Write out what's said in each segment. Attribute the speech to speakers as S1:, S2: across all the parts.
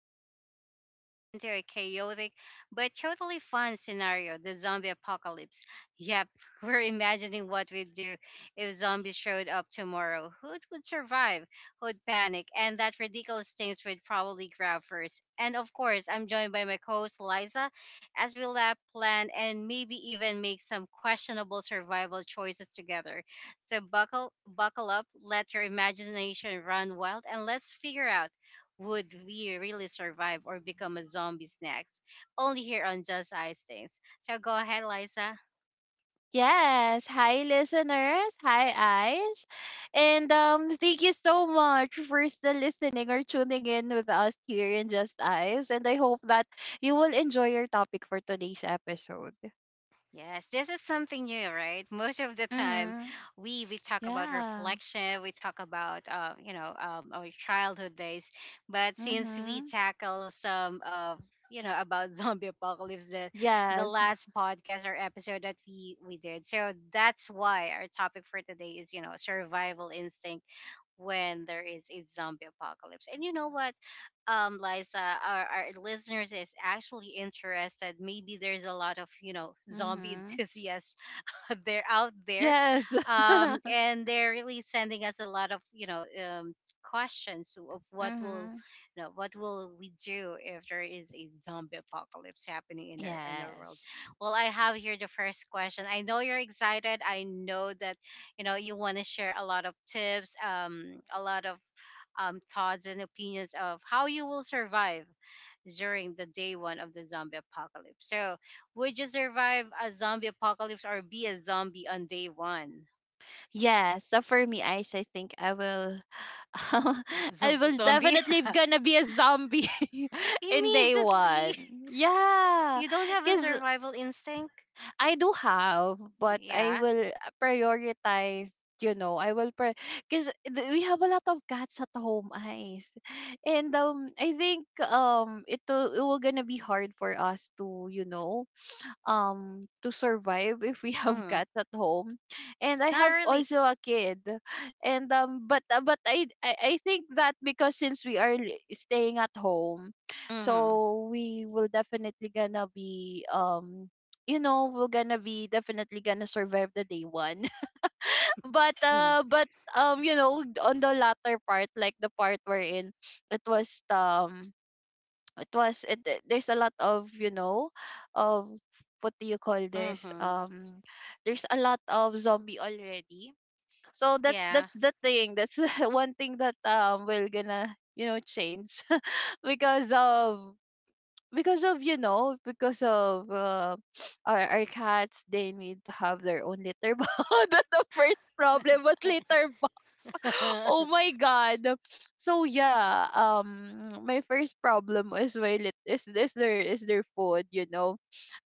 S1: Ice, and today we're diving into a chaotic but totally fun scenario, the zombie apocalypse. Yep, we're imagining what we'd do if zombies showed up tomorrow. Who would survive? Who'd panic? And that ridiculous things we'd probably grab first. And of course, I'm joined by my co host, Liza, as we laugh, plan, and maybe even make some questionable survival choices together. So buckle up, let your imagination run wild, and let's figure out, would we really survive or become a zombies next? Only here on Just Ice Things. So go ahead, Liza.
S2: Yes. Hi, listeners. Hi, Eyes. And thank you so much for still listening or tuning in with us here in Just Eyes. And I hope that you will enjoy your topic for today's episode.
S1: Yes, this is something new, right? Most of the time,
S2: Mm-hmm.
S1: we talk about
S2: Yeah.
S1: reflection, we talk about our childhood days, but since we
S2: Mm-hmm.
S1: tackle some of about zombie apocalypse, the
S2: Yes.
S1: last podcast or episode that we did, so that's why our topic for today is survival instinct when there is a zombie apocalypse. And you know what, Liza, our listeners is actually interested. Maybe there's a lot of zombie
S2: Mm-hmm.
S1: enthusiasts they're out there,
S2: Yes.
S1: and they're really sending us a lot of um, questions of what will
S2: Mm-hmm.
S1: what will we do if there is a zombie apocalypse happening in our world.
S2: Yes.
S1: Well, I have here the first question. I know you're excited. I know that you know you want to share a lot of tips, a lot of thoughts and opinions of how you will survive during the day one of the zombie apocalypse. So would you survive a zombie apocalypse or be a zombie on day one?
S2: Yes, so for me, Ice, I think I will, I will
S1: Zombie?
S2: definitely gonna be a zombie in day
S1: Immediately.
S2: one. Yeah,
S1: You don't have a
S2: cause
S1: survival instinct?
S2: I do have, but I
S1: Yeah.
S2: will prioritize. You know, cause we have a lot of cats at home, Ice, and I think, it will gonna be hard for us to, you know, to survive if we have
S1: Hmm.
S2: cats at home. And I
S1: Not
S2: have
S1: really.
S2: also a kid. And but I think that, because since we are staying at home,
S1: Mm-hmm.
S2: so we will definitely gonna be, we're gonna be definitely gonna survive the day one. but
S1: Mm-hmm.
S2: uh but um you know on the latter part, like the part we in, it was um it was, there's a lot of, of, what do you call this,
S1: Mm-hmm.
S2: there's a lot of zombie already. So that's
S1: Yeah.
S2: that's the thing. That's one thing that we're gonna, change. Because of, because of you know because of uh, our cats, they need to have their own litter box. That's the first problem, was litter box. Oh my god. So yeah, my first problem is, while it is their food.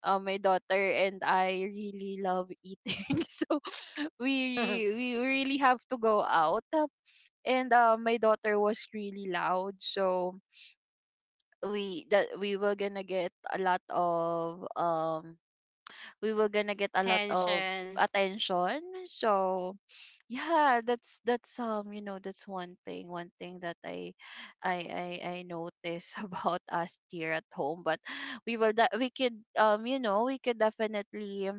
S2: My daughter and I really love eating. So we we really have to go out. And my daughter was really loud, so we, that we were gonna get a lot of, we were gonna get a lot of
S1: Tension.
S2: attention. So yeah, that's, that's one thing, one thing that I notice about us here at home. But we will that we could, we could definitely,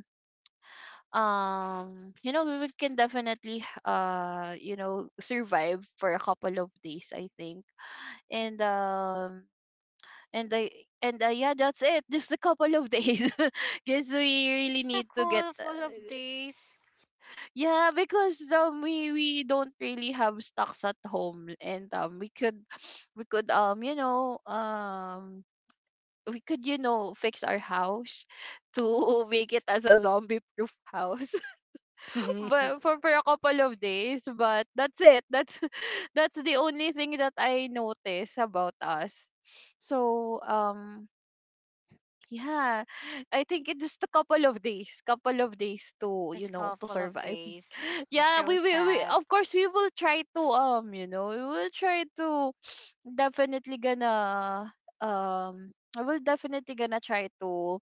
S2: we can definitely, survive for a couple of days, I think. And um and i and uh, yeah, that's it, just a couple of days. Because we really
S1: It's a
S2: need to get,
S1: couple of days.
S2: yeah, because we don't really have stocks at home, and we could, we could um you know um we could, fix our house to make it as a zombie proof house. But for a couple of days, but that's it. That's that's the only thing that I notice about us. So yeah, I think it's just a couple of days, couple of days to,
S1: It's a
S2: to
S1: couple of
S2: survive.
S1: days. It's
S2: Yeah,
S1: so
S2: we,
S1: sad.
S2: of course we will try to, we will try to definitely gonna, I will definitely gonna try to,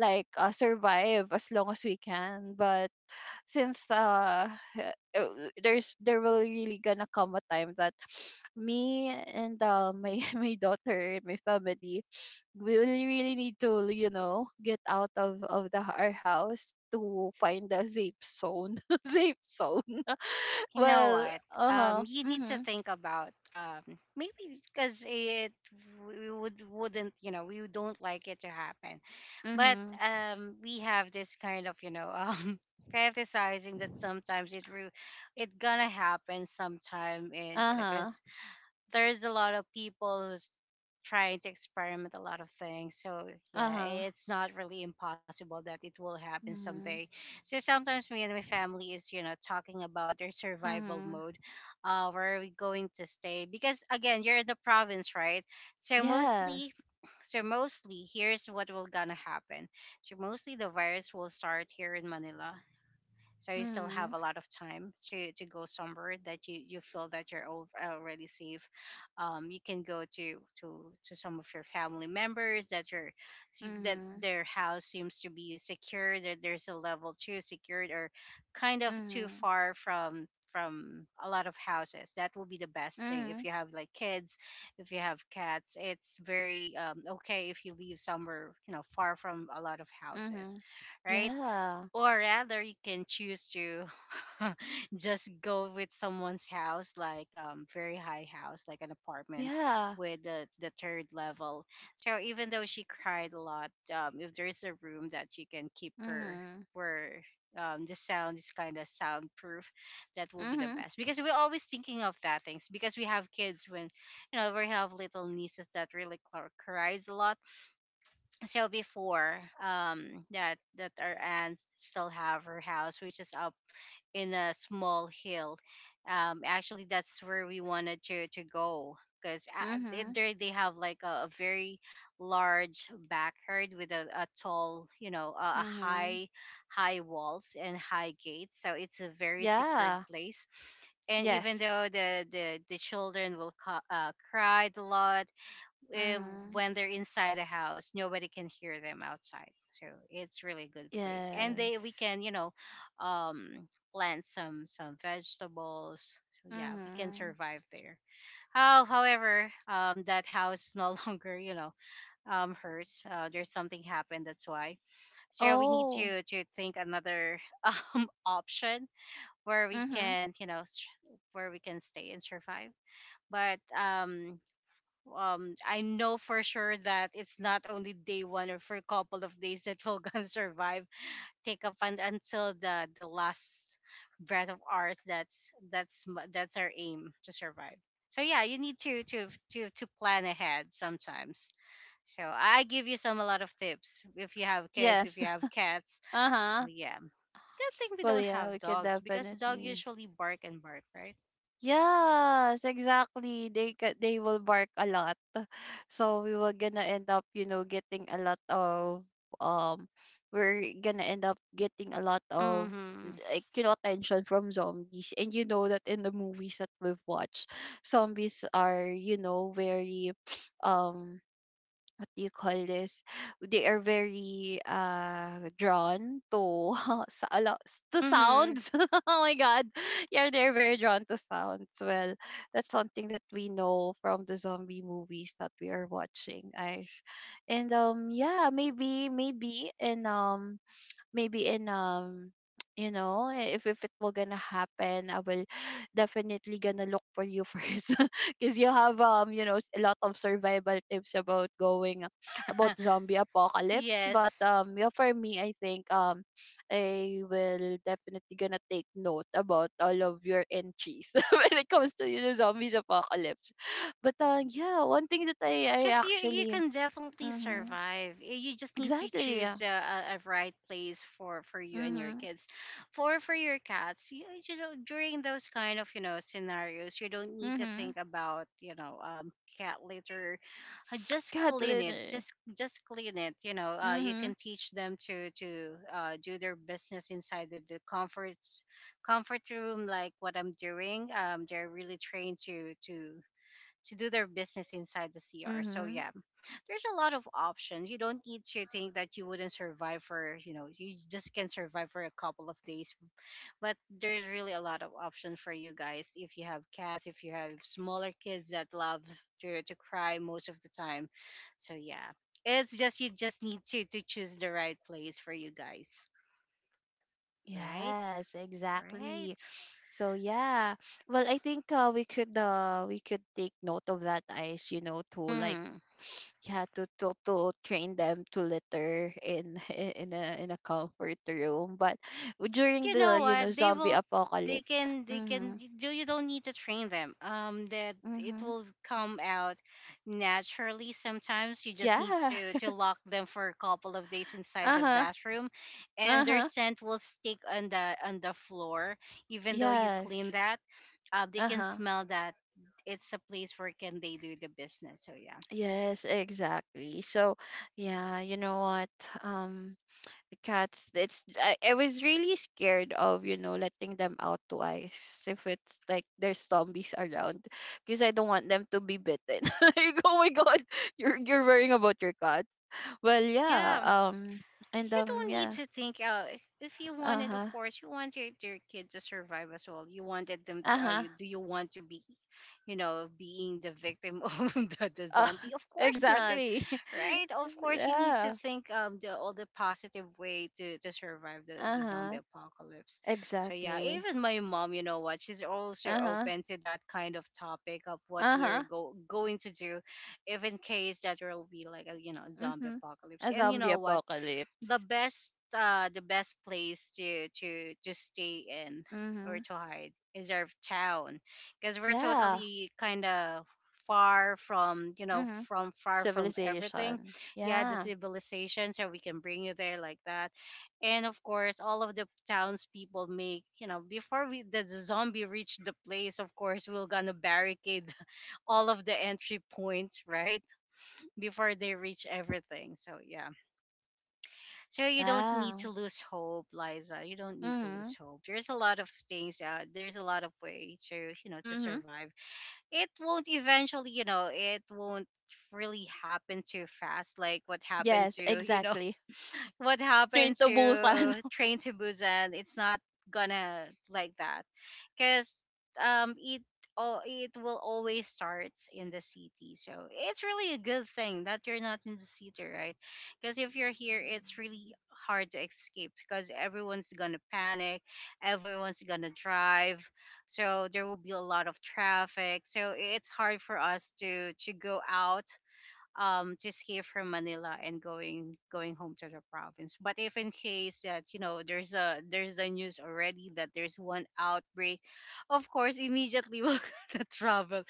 S2: like, survive as long as we can. But since uh, there will really gonna come a time that me and, my my daughter and my family, we really really need to, get out of the our house to find a safe zone. Safe zone.
S1: You know
S2: Well,
S1: what?
S2: uh-huh.
S1: You need to
S2: Mhm.
S1: think about, maybe because it, we would wouldn't you know, we don't like it to happen, but
S2: Mhm.
S1: we have this kind of you know fantasizing that sometimes it gonna happen sometime. And you know,
S2: Uh-huh.
S1: because there's a lot of people who's trying to experiment a lot of things, so yeah,
S2: Uh-huh.
S1: it's not really impossible that it will happen someday.
S2: Mhm.
S1: So sometimes me and my family is you know talking about their survival
S2: Mhm.
S1: mode, uh, where are we going to stay, because again, you're in the province, right? So mostly,
S2: Yes.
S1: so mostly here's what will gonna happen. So mostly the virus will start here in Manila, so you still have
S2: Mhm.
S1: a lot of time to go somewhere that you feel that already safe. Um, you can go to to some of your family members, that your, see that
S2: Mhm.
S1: their house seems to be secure, that there's a level two secured, or kind of too
S2: Mhm.
S1: far from a lot of houses. That will be the best thing. If
S2: Mhm.
S1: you have like kids, if you have cats, it's very, okay, if you leave somewhere you know far from a lot of houses,
S2: Mhm.
S1: right?
S2: Yeah.
S1: Or rather, you can choose to just go with someone's house, like, very high house, like an apartment
S2: Yeah.
S1: with the third level. So even though she cried a lot, if there is a room that you can keep her
S2: Mhm.
S1: where, the sound is kind of soundproof, that will be the
S2: Mhm.
S1: best. Because we're always thinking of that things. Because we have kids, when, you know, we have little nieces that really cries a lot. So before, um, that that our aunt still have her house, which is up in a small hill, um, actually, that's where we wanted to go, because they,
S2: Mhm.
S1: there they have like a very large backyard with a tall, you know, a
S2: Mhm.
S1: high high walls and high gates, so it's a very secured
S2: Yeah.
S1: place. And even
S2: Yes.
S1: though the children will cried a lot, eh,
S2: Mhm.
S1: when they're inside the house, nobody can hear them outside, so it's really good place, and they, we
S2: Yes.
S1: can you know, um, plant some vegetables. So yeah, we can
S2: Mhm.
S1: survive there. Oh, however, um, that house is no longer, you know, um, hers. Uh, there's something happened. That's why, so we need
S2: Oh.
S1: to think another option where we
S2: Mhm.
S1: can you know where we can stay and survive. But um, um, I know for sure that it's not only day one or for a couple of days that we're gonna survive. Take up and until the last breath of ours. That's our aim to survive. So yeah, you need to to plan ahead sometimes. So I give you some a lot of tips if you have kids, if
S2: Yes.
S1: you have cats. So
S2: Uh-huh.
S1: yeah, good thing we
S2: Well,
S1: don't
S2: yeah,
S1: have
S2: we could
S1: dogs, because dog
S2: definitely.
S1: usually bark and bark, right?
S2: Yes, exactly. They will bark a lot. So we were gonna end up, getting a lot of, um we're gonna end up getting a lot of,
S1: Mm-hmm.
S2: like, attention from zombies. And you know that in the movies that we've watched, zombies are, very um what do you call this? They are very drawn to to
S1: Mm-hmm.
S2: sounds. Oh my god. Yeah, they're very drawn to sounds. Well, that's something that we know from the zombie movies that we are watching, guys. And yeah, maybe, maybe in, maybe in if it will gonna happen, I will definitely gonna look for you first. Because you have, a lot of survival tips about going, about zombie apocalypse. But
S1: Yes.
S2: yeah, for me, I think I will definitely gonna take note about all of your entries when it comes to, zombies apocalypse. But yeah, one thing that I
S1: Because you
S2: actually,
S1: can definitely
S2: mm-hmm,
S1: survive. You just need to
S2: exactly. Yeah.
S1: choose a right place for you and your
S2: Mm-hmm,
S1: kids. For your cats, you know, during those kind of you know scenarios, you don't need to
S2: mm-hmm.
S1: think about you know, cat litter. Just
S2: Cat
S1: clean it.
S2: litter.
S1: Just clean it. You know, you can
S2: Mhm.
S1: teach them to do their business inside the comfort room, like what I'm doing. They're really trained to to do their business inside the CR. So
S2: Mhm.
S1: yeah, there's a lot of options. You don't need to think that you wouldn't survive for, you know, you just can survive for a couple of days. But there's really a lot of options for you guys if you have cats, if you have smaller kids that love to cry most of the time. So yeah, it's just, you just need to choose the right place for you guys, right?
S2: Yes, exactly.
S1: Right?
S2: So yeah. Well, I think, we could, we could take note of that, Ice, you know, to like,
S1: Hmm.
S2: yeah, to, to train them to litter in in a comfort room. But during
S1: You know
S2: the, you
S1: what,
S2: know,
S1: they
S2: zombie
S1: will, they
S2: apocalypse.
S1: can, they can,
S2: Mhm.
S1: you, do you, don't need to train them, um, that it
S2: Mhm.
S1: will come out naturally. Sometimes you just need
S2: Yeah.
S1: to lock them for a couple of days inside the
S2: Uh-huh.
S1: bathroom, and their
S2: Uh-huh.
S1: scent will stick on the floor. Even though you clean
S2: Yes.
S1: that, they can
S2: Uh-huh.
S1: smell that it's a place where can they do the business. So yeah,
S2: Yes, exactly. So, yeah, you know what? Um, the cats, I was really scared of, letting them out twice if it's like there's zombies around, because I don't want them to be bitten. Like, oh my God, you're worrying about your cat. Well, yeah,
S1: yeah,
S2: and
S1: you don't need
S2: yeah,
S1: to think, if you wanted, of
S2: uh-huh,
S1: course you want your kid to survive as well. You wanted them,
S2: uh-huh,
S1: you, do you want to be you know being the victim of the
S2: uh,
S1: zombie? Of course not,
S2: exactly.
S1: right? Of course you need to
S2: Yeah,
S1: think, um, the all the positive way to survive the zombie
S2: uh-huh,
S1: apocalypse. So yeah,
S2: exactly.
S1: even my mom, you know what, she's also
S2: Uh-huh,
S1: open to that kind of topic of what
S2: uh-huh.
S1: going to do if in case that there will be like a you know zombie
S2: Mhm.
S1: apocalypse.
S2: A
S1: And you
S2: zombie
S1: know what, the
S2: apocalypse.
S1: best, uh, the best place to to stay in or
S2: Mhm.
S1: to hide is our town, because we're
S2: Yeah.
S1: totally kind of far from, you know,
S2: Mhm.
S1: from, far from everything.
S2: Civilization.
S1: Yeah, the
S2: Yeah.
S1: civilization. So we can bring you there, like that. And of course, all of the townspeople make, you know, before we, the zombie reach the place, of course, we're gonna barricade all of the entry points, right, before they reach everything. So yeah, so you don't need
S2: Yeah.
S1: to lose hope, Liza. You don't need to lose
S2: Mhm.
S1: hope. There's a lot of things. There's a lot of way to you know to
S2: Mhm.
S1: survive. It won't eventually. You know, it won't really happen too fast, like what happened
S2: Yes,
S1: to you know,
S2: exactly.
S1: what
S2: Train
S1: happened
S2: to Busan.
S1: to Train to Busan. It's not gonna like that, because, um, it, oh, it will always starts in the city. So it's really a good thing that you're not in the city, right? Because if you're here, it's really hard to escape, because everyone's gonna panic, everyone's gonna drive, so there will be a lot of traffic. So it's hard for us to go out, um, to escape from Manila and going home to the province. But if in case that you know there's a news already that there's one outbreak, of course immediately we're gonna travel,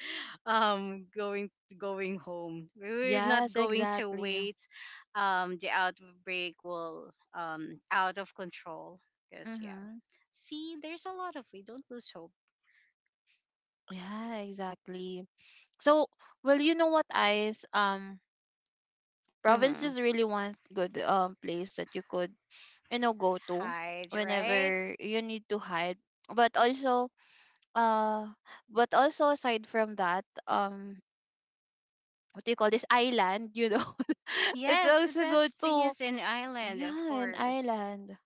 S1: um, going, going home. We're not
S2: Yes,
S1: going to
S2: exactly.
S1: wait. The outbreak will, um, out of control. Cause yeah,
S2: Mhm.
S1: see, there's a lot of, we don't lose hope.
S2: Yeah, exactly. So, well, you know what, Ice? Province
S1: Mm-hmm.
S2: is really one good place that you could, go to
S1: Hide, right.
S2: whenever you need to hide. But also, Uh, but also, aside from that, what do you call this, island? You know, it's
S1: Yes, the
S2: also good
S1: best thing
S2: too.
S1: is in island, of
S2: Yeah, an
S1: course.
S2: island.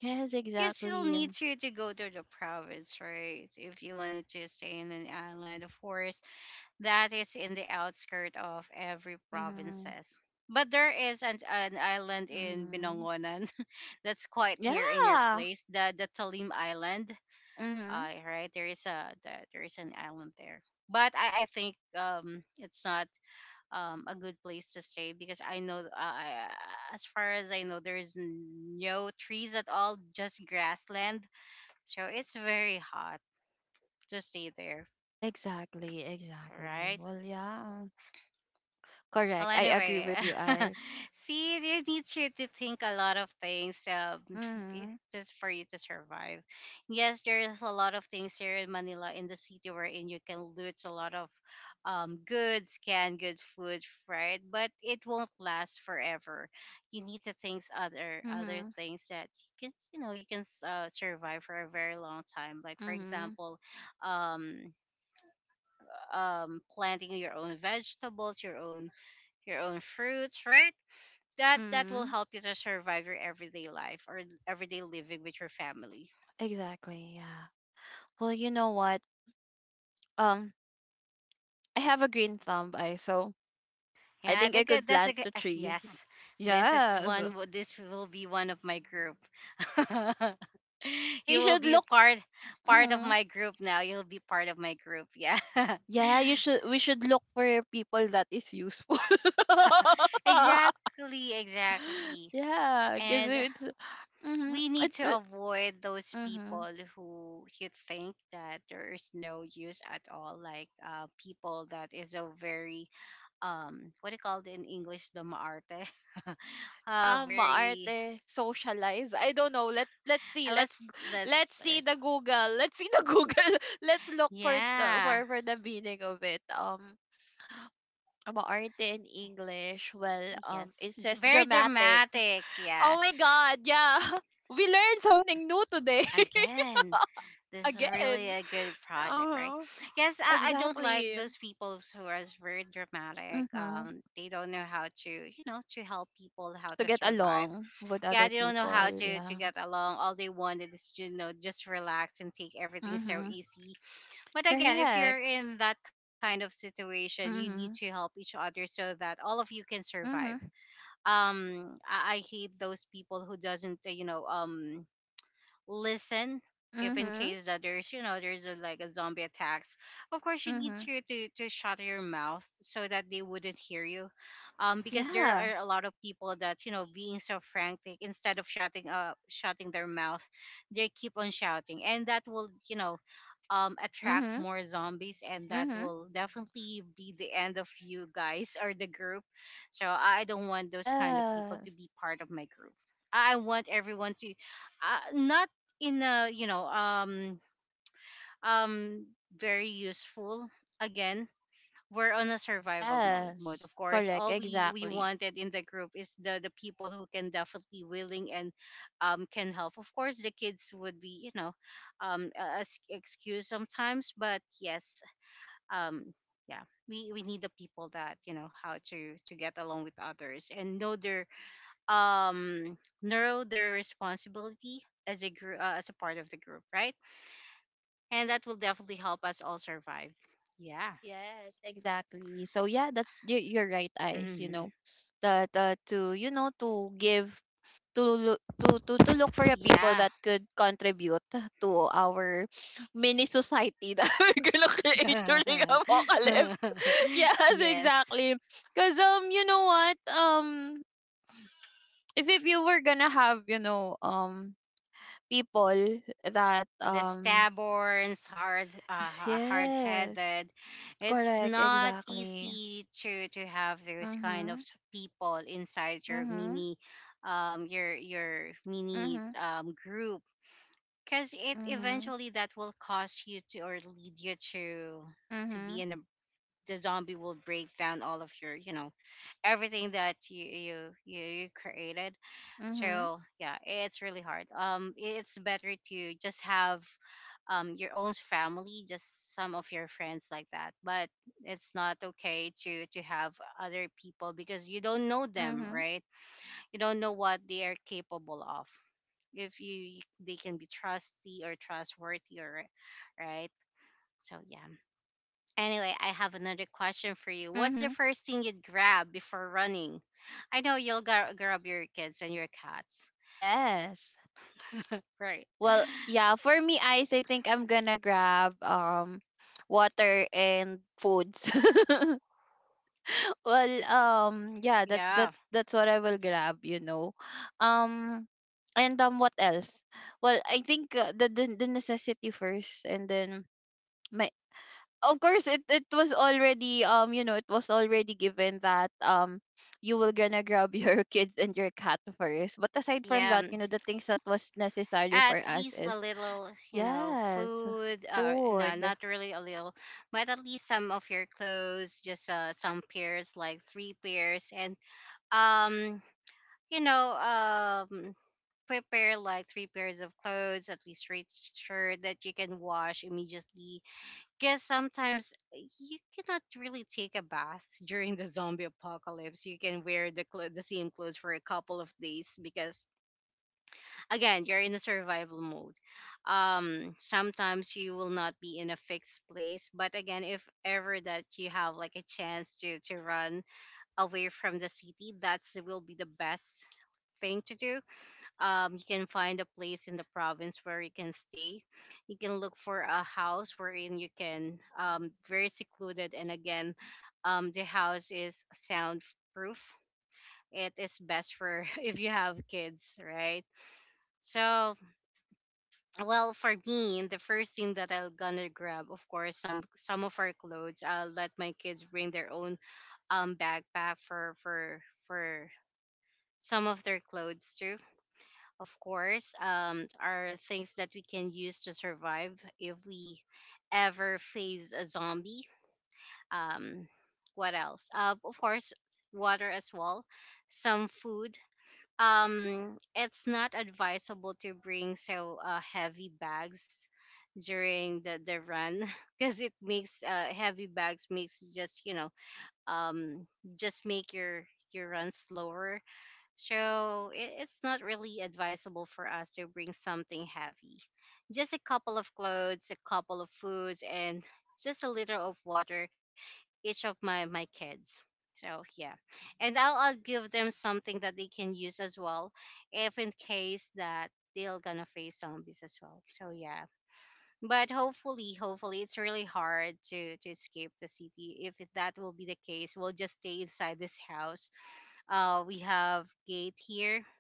S2: Yes,
S1: You still
S2: exactly.
S1: need to go to the province, right? If you wanted to stay in an island, of course, that is in the outskirt of every
S2: Mm-hmm.
S1: provinces. But there is an island in
S2: Mm-hmm.
S1: Binongonan that's quite near in your
S2: Yeah.
S1: place, the Talim Island.
S2: Mm-hmm.
S1: Right there is an island there, but I think it's not a good place to stay because I know, as far as I know, there is no trees at all, just grassland, so it's very hot to stay there.
S2: Exactly.
S1: So,
S2: Exactly.
S1: right?
S2: Well, yeah.
S1: Well,
S2: Correct. I agree
S1: anyway,
S2: with you, Ice.
S1: see, you need to think a lot of things,
S2: Mm-hmm.
S1: just for you to survive. Yes, there is a lot of things here in Manila, in the city, wherein you can loot a lot of goods, canned goods, food, right? But it won't last forever. You need to think other
S2: Mm-hmm.
S1: things that you can, survive for a very long time. Like for
S2: Mm-hmm.
S1: example, um planting your own vegetables, your own fruits, right? That will
S2: Mm-hmm.
S1: help you to survive your everyday life or everyday living with your family.
S2: Exactly. Yeah. Well, you know what? Um, I have a green thumb, I so I
S1: Yeah,
S2: think
S1: that's a
S2: I
S1: good.
S2: could
S1: That's a
S2: plant
S1: good.
S2: the trees.
S1: Yes, this is
S2: Yes.
S1: one. This will be one of my group.
S2: Yeah, you
S1: You will
S2: should
S1: be
S2: look.
S1: part of
S2: Mm-hmm.
S1: my group now. You'll be part of my group. Yeah.
S2: Yeah, you should. We should look for people that is useful.
S1: Exactly. Exactly.
S2: Yeah, because
S1: And
S2: it's, mm-hmm.
S1: we need
S2: It,
S1: to
S2: it,
S1: avoid those
S2: mm-hmm.
S1: people who you think that there is no use at all, like, people that is a very, what do you call it in English, the maarte very,
S2: Arte socialize, I don't know. Let's see.
S1: uh, let's
S2: Let's
S1: let's
S2: see the
S1: let's-
S2: Google. Let's see the Google. Let's look
S1: yeah,
S2: for the meaning of it. Ama arte in English. Well, it
S1: yes,
S2: says
S1: very
S2: dramatic.
S1: dramatic. Yeah.
S2: Oh my god, yeah. We learned something new today.
S1: Again, this is really
S2: Again.
S1: a good project, right?
S2: Oh,
S1: Yes, I don't like
S2: exactly.
S1: those people who are very dramatic.
S2: Mm-hmm.
S1: They don't know how to help people, how
S2: To
S1: to
S2: get
S1: survive.
S2: along with
S1: Yeah,
S2: other
S1: they don't know how
S2: people,
S1: to
S2: yeah.
S1: get along. All they wanted is just relax and take everything so
S2: Mm-hmm.
S1: easy. But again, if you're
S2: Correct.
S1: in that kind of situation, you need to
S2: Mm-hmm.
S1: help each other so that all of you can survive.
S2: Mm-hmm.
S1: I hate those people who doesn't, listen if in
S2: Mm-hmm.
S1: case that there's you know there's a, like a zombie attacks, of course you need
S2: Mm-hmm.
S1: to, to shut your mouth so that they wouldn't hear you, because there
S2: Yeah.
S1: are a lot of people that, being so frantic, instead of shutting up, shutting their mouth, they keep on shouting, and that will, attract
S2: Mm-hmm.
S1: more zombies, and that
S2: Mm-hmm.
S1: will definitely be the end of you guys or the group. So I don't want those kind of people to
S2: Yes.
S1: be part of my group. I want everyone to, not, in a, um very useful. Again, we're on a survival mode,
S2: Yes.
S1: of course.
S2: Correct.
S1: All we
S2: Exactly.
S1: wanted in the group is the people who can definitely willing, and can help. Of course, the kids would be, excuse sometimes, but yes. um yeah. We need the people that, how to get along with others, and know their, um narrow their responsibility as a group, as a part of the group, right? And that will definitely help us all survive. Yeah.
S2: Yes, exactly. So yeah, that's, you're right, Ice, you
S1: Hmm.
S2: know that to, to give, to look for a people
S1: Yeah.
S2: that could contribute to our mini society that we're gonna create during apocalypse. Yes,
S1: Yes,
S2: exactly. Cause you know what? If you were gonna have, people that
S1: the stubborns hard,
S2: yes,
S1: hard-headed. It's
S2: correct,
S1: not
S2: exactly.
S1: easy to have those kind of,
S2: Mhm.
S1: people inside your
S2: Mhm.
S1: mini, your mini,
S2: Mhm.
S1: group, because it
S2: Mhm.
S1: eventually that will cause you to, or lead you to be
S2: Mhm.
S1: in a, the zombie will break down all of your, everything that you created.
S2: Mhm.
S1: So yeah, it's really hard. It's better to just have, your own family, just some of your friends, like that. But it's not okay to have other people, because you don't know them,
S2: Mhm.
S1: right? You don't know what they are capable of, if you they can be trusty or trustworthy, or right. So yeah. Anyway, I have another question for you. What's the
S2: Mhm.
S1: first thing you'd grab before running? I know you'll grab your kids and your cats,
S2: Yes.
S1: right?
S2: Well, yeah, for me, Ice, I think I'm gonna grab water and foods. Well, yeah, that
S1: Yeah,
S2: that's what I will grab. Um and what else? Well, I think, the, the necessity first, and then my of course, it was already, it was already given that you were gonna grab your kids and your cat first. But aside from
S1: yeah,
S2: that, the things that was necessary for
S1: at
S2: us
S1: least
S2: is,
S1: a little,
S2: yes,
S1: food. No,
S2: food.
S1: not really a little, but at least some of your clothes, just, some pairs, like three pairs, and, um you know, um, prepare like three pairs of clothes, at least three shirt that you can wash immediately. Because sometimes, you cannot really take a bath during the zombie apocalypse. You can wear the same clothes for a couple of days because again, you're in a survival mode. Sometimes you will not be in a fixed place, but again, if ever that you have like a chance to run away from the city, that's will be the best thing to do. You can find a place in the province where you can stay. You can look for a house wherein you can, very secluded, and again, the house is soundproof. It is best for if you have kids, right? So, well, for me, the first thing that I'm gonna grab, of course, some of our clothes. I'll let my kids bring their own, backpack for for some of their clothes too, of course, are things that we can use to survive if we ever face a zombie. Um, what else? Of course, water as well, some food. It's not advisable to bring so, heavy bags during the run because it makes, heavy bags makes, just, um just make your run slower, so it's not really advisable for us to bring something heavy. Just a couple of clothes, a couple of foods, and just a liter of water, each of my kids. So yeah, and I'll give them something that they can use as well, if in case that they're gonna face zombies as well. So yeah, but hopefully it's really hard to escape the city. If that will be the case, we'll just stay inside this house. We have gate here.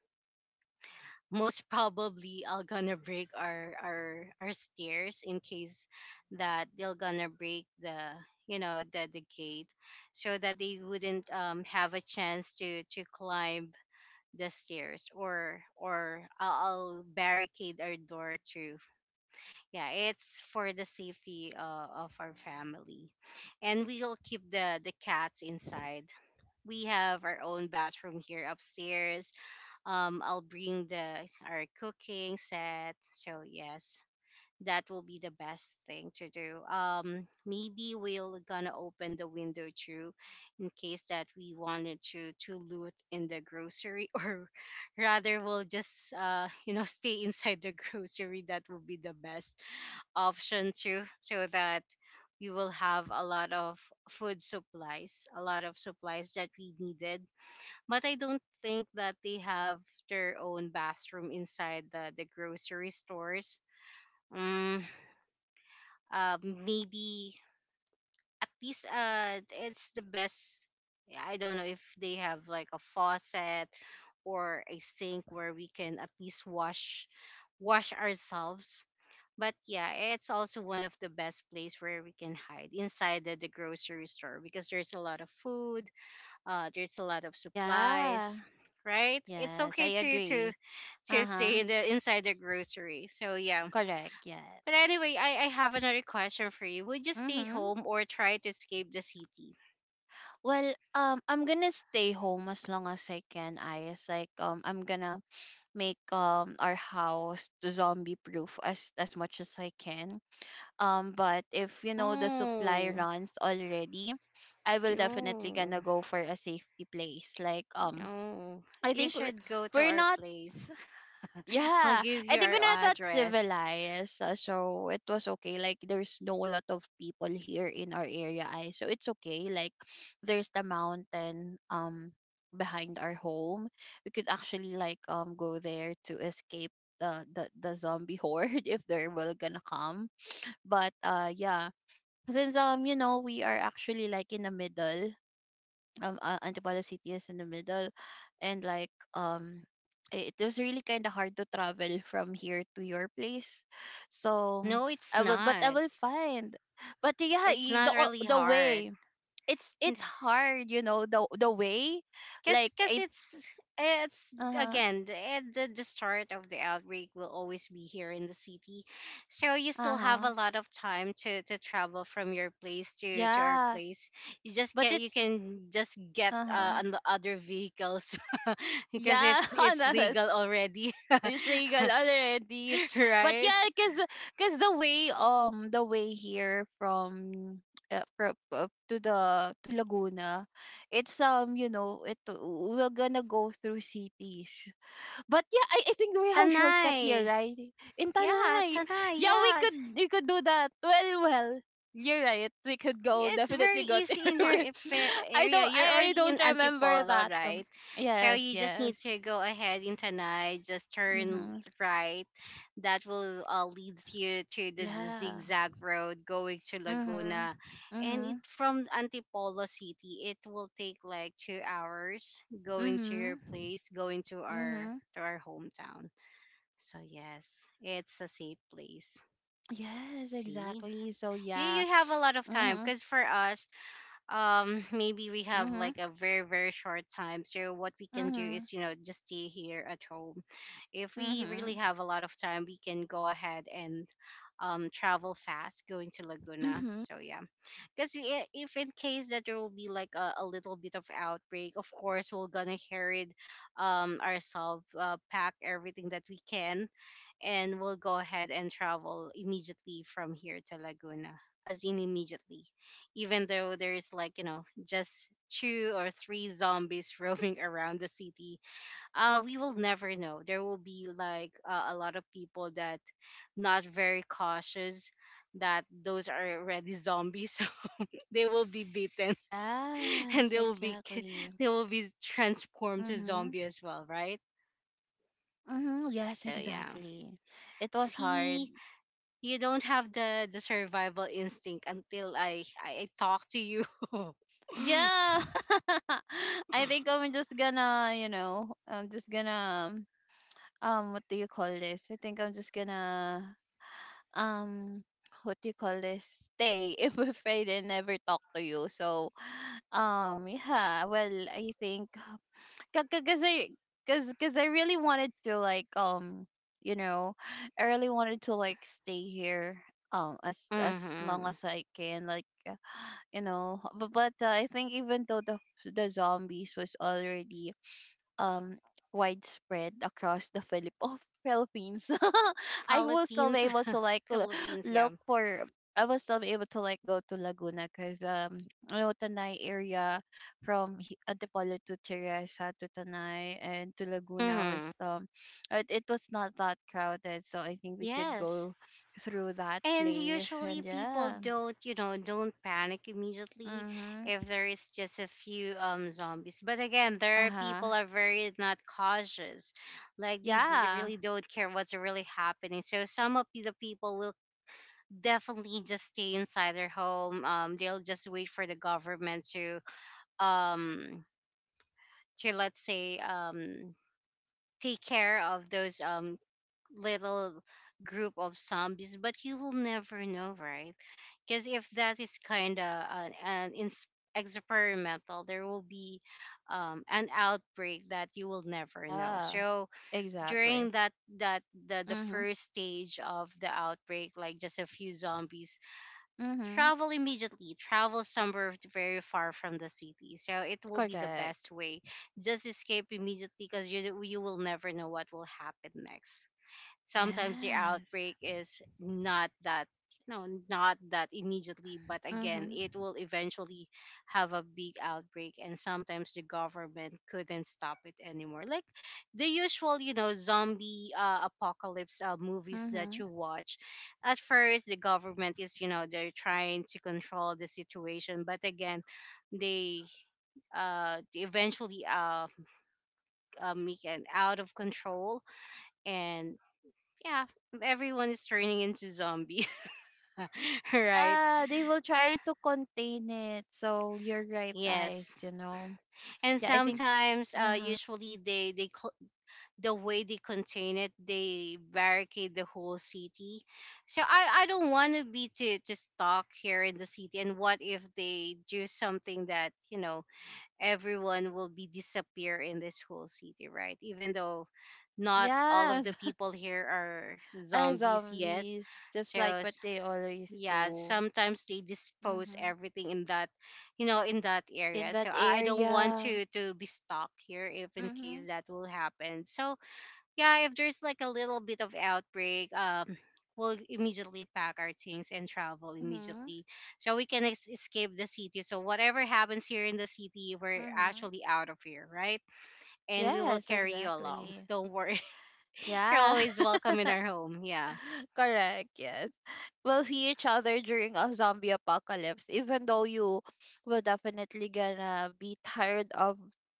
S1: Most probably I'll gonna break our stairs in case that they'll gonna break the, the gate, so that they wouldn't, have a chance to climb the stairs, or I'll barricade our door too. Yeah, it's for the safety, of our family, and we'll keep the cats inside. We have our own bathroom here upstairs. I'll bring the our cooking set. So yes, that will be the best thing to do. Maybe we'll gonna open the window too, in case that we wanted to loot in the grocery, or rather we'll just, stay inside the grocery. That will be the best option too, so that we will have a lot of food supplies, a lot of supplies that we needed. But I don't think that they have their own bathroom inside the grocery stores. Mm, Maybe at least, it's the best. I don't know if they have like a faucet or a sink where we can at least wash ourselves. But yeah, it's also one of the best place where we can hide inside the grocery store, because there's a lot of food, there's a lot of
S2: Yeah.
S1: supplies, right? It's
S2: Yes, I
S1: okay to to
S2: agree.
S1: to stay
S2: Uh-huh.
S1: in the inside the grocery. So yeah.
S2: Correct.
S1: But
S2: Yes.
S1: anyway, I have another question for you. Would you stay
S2: Mm-hmm.
S1: home or try to escape the city?
S2: Well, I'm gonna stay home as long as I can. I is like, I'm gonna make our house zombie proof as much as I can. But if you know the supply
S1: No,
S2: runs already, I will definitely gonna
S1: no,
S2: go for a safety place. Like,
S1: no,
S2: I
S1: you
S2: think we're
S1: should go to
S2: we're
S1: our
S2: not.
S1: place. I'll
S2: Yeah,
S1: give
S2: I
S1: you
S2: think
S1: our
S2: we're not that
S1: address.
S2: civilized, so it was okay. Like, there's no lot of people here in our area, I so it's okay. Like, there's the mountain behind our home. We could actually, like, go there to escape the, the zombie horde if they're well gonna come. But yeah, since we are actually, like, in the middle, Antipolo City is in the middle, and like, it it was really kind of hard to travel from here to your place. So
S1: No,
S2: I will, but I will find. But yeah,
S1: it's not really
S2: the
S1: hard.
S2: way, it's hard, you know, the way, like
S1: Cause
S2: I,
S1: it's
S2: uh huh
S1: again, the start of the outbreak will always be here in the city, so you
S2: uh
S1: still have
S2: huh
S1: a lot of time to travel from your place to our
S2: yeah,
S1: place. You just
S2: but
S1: can you
S2: it's,
S1: can just get,
S2: uh huh
S1: on the other vehicles, because
S2: yeah.
S1: it's legal already,
S2: It's legal already. But
S1: right?
S2: yeah, cause cause the way, the way here from, to the to Laguna, it's, it we're gonna go through cities. But yeah, I think we have shortcut here,
S1: Tanay.
S2: right? In
S1: Yeah,
S2: Tanay,
S1: Tanay.
S2: yeah,
S1: Yeah.
S2: we could do that. Well, you're right. We could
S1: Yeah,
S2: go
S1: it's very
S2: definitely go
S1: easy
S2: there.
S1: in your, area. You're
S2: I
S1: already in
S2: don't remember
S1: Antipolo,
S2: that.
S1: right? So
S2: Yes,
S1: you just need
S2: yes.
S1: to go ahead in Tanay, just turn
S2: Mhm.
S1: right. That will, leads you to the,
S2: Yeah.
S1: zigzag road going to
S2: Mhm.
S1: Laguna. And it
S2: Mhm.
S1: from Antipolo City, it will take like 2 hours going to your
S2: Mhm.
S1: place, going
S2: Mhm.
S1: to our hometown. So yes, it's a safe place.
S2: Yes,
S1: See?
S2: exactly. So
S1: you,
S2: yeah.
S1: you have a lot of time
S2: Mhm.
S1: because for us maybe we have
S2: Mhm.
S1: like a very very short time. So what we can do
S2: Mhm.
S1: is just stay here at home. If we really
S2: Mhm.
S1: have a lot of time, we can go ahead and travel fast going to Laguna,
S2: Mhm.
S1: so yeah. Because if in case that there will be like a little bit of outbreak, of course we're gonna hear it ourselves, pack everything that we can, and we'll go ahead and travel immediately from here to Laguna. As in immediately, even though there is like just two or three zombies roaming around the city, we will never know. There will be like a lot of people that not very cautious, that those are already zombies, so they will be beaten
S2: Yes,
S1: and they will be
S2: exactly.
S1: they will be transformed to
S2: Mhm.
S1: zombie as well, right?
S2: Mhm. Yes,
S1: So yeah,
S2: exactly. It was hard.
S1: see, you don't have the survival instinct until I talk to you.
S2: Yeah. I think I'm just gonna, you know, I'm just gonna what do you call this? I think I'm just gonna um what do you call this stay if we afraid and never talk to you. So yeah, well, I think because i because I really wanted to like, you know, I really wanted to like stay here as as long
S1: Hmm.
S2: as I can, like, you know, but, but I think even though the zombies was already um widespread across the Filipino Philippines. I was still be
S1: Philippines,
S2: able to like
S1: Philippines, yeah.
S2: look for. I was still be able to like go to Laguna because you Tanay area from Antipolo to Teresa to Tanay and to Laguna was
S1: Hmm.
S2: it was not that crowded, so I think we could
S1: Yes.
S2: go through that
S1: And
S2: place. And
S1: usually people
S2: yeah.
S1: don't, don't panic immediately
S2: Mhm.
S1: if there is just a few zombies. But again,
S2: Uh
S1: there are
S2: huh.
S1: people are very not cautious. Like they
S2: Yeah.
S1: really don't care what's really happening. So some of the people definitely just stay inside their home. They'll just wait for the government to um let's say take care of those little group of zombies. But you will never know, right? Because if that is kind of an experimental, there will be an outbreak that you will never know.
S2: Yeah,
S1: So during
S2: exactly.
S1: that that the
S2: Mhm.
S1: first stage of the outbreak, like just a few zombies,
S2: Mhm.
S1: travel immediately, travel somewhere very far from the city, so it will be the
S2: Correct.
S1: best way, just escape immediately, because you will never know what will happen next. Sometimes the
S2: Yes.
S1: outbreak is not that, immediately, but again,
S2: Mhm.
S1: it will eventually have a big outbreak, and sometimes the government couldn't stop it anymore, like the usual zombie apocalypse movies that
S2: Mhm.
S1: you watch. At first the government is, they're trying to control the situation, but again, they they eventually make an out of control, and yeah, everyone is turning into zombie, right?
S2: Yeah, they will try to contain it. So you're right, eyes.
S1: Yes,
S2: You know.
S1: and
S2: Yeah, I think.
S1: sometimes,
S2: Uh huh.
S1: usually, the way they contain it, they barricade the whole city. So I don't want to be to stuck here in the city. And what if they do something that everyone will be disappear in this whole city, right? Even though not all of the
S2: Yes,
S1: people here are
S2: are
S1: zombies yet.
S2: zombies just like
S1: So
S2: what they always
S1: yeah,
S2: do.
S1: sometimes they dispose
S2: Mhm.
S1: everything in that,
S2: In
S1: area. So
S2: that
S1: I don't want
S2: area.
S1: to be stuck here if in
S2: Mhm.
S1: case that will happen. So yeah, if there's like a little bit of outbreak, we'll immediately pack our things and travel
S2: Mhm.
S1: immediately, so we can escape the city. So whatever happens here in the city, we're
S2: Mhm.
S1: actually out of here, right? And we will
S2: Yes,
S1: carry you along,
S2: exactly.
S1: don't worry. You're
S2: Yeah.
S1: always welcome in our home, yeah,
S2: Correct. Yes. Will see each other during a zombie apocalypse, even though you will definitely gonna be tired of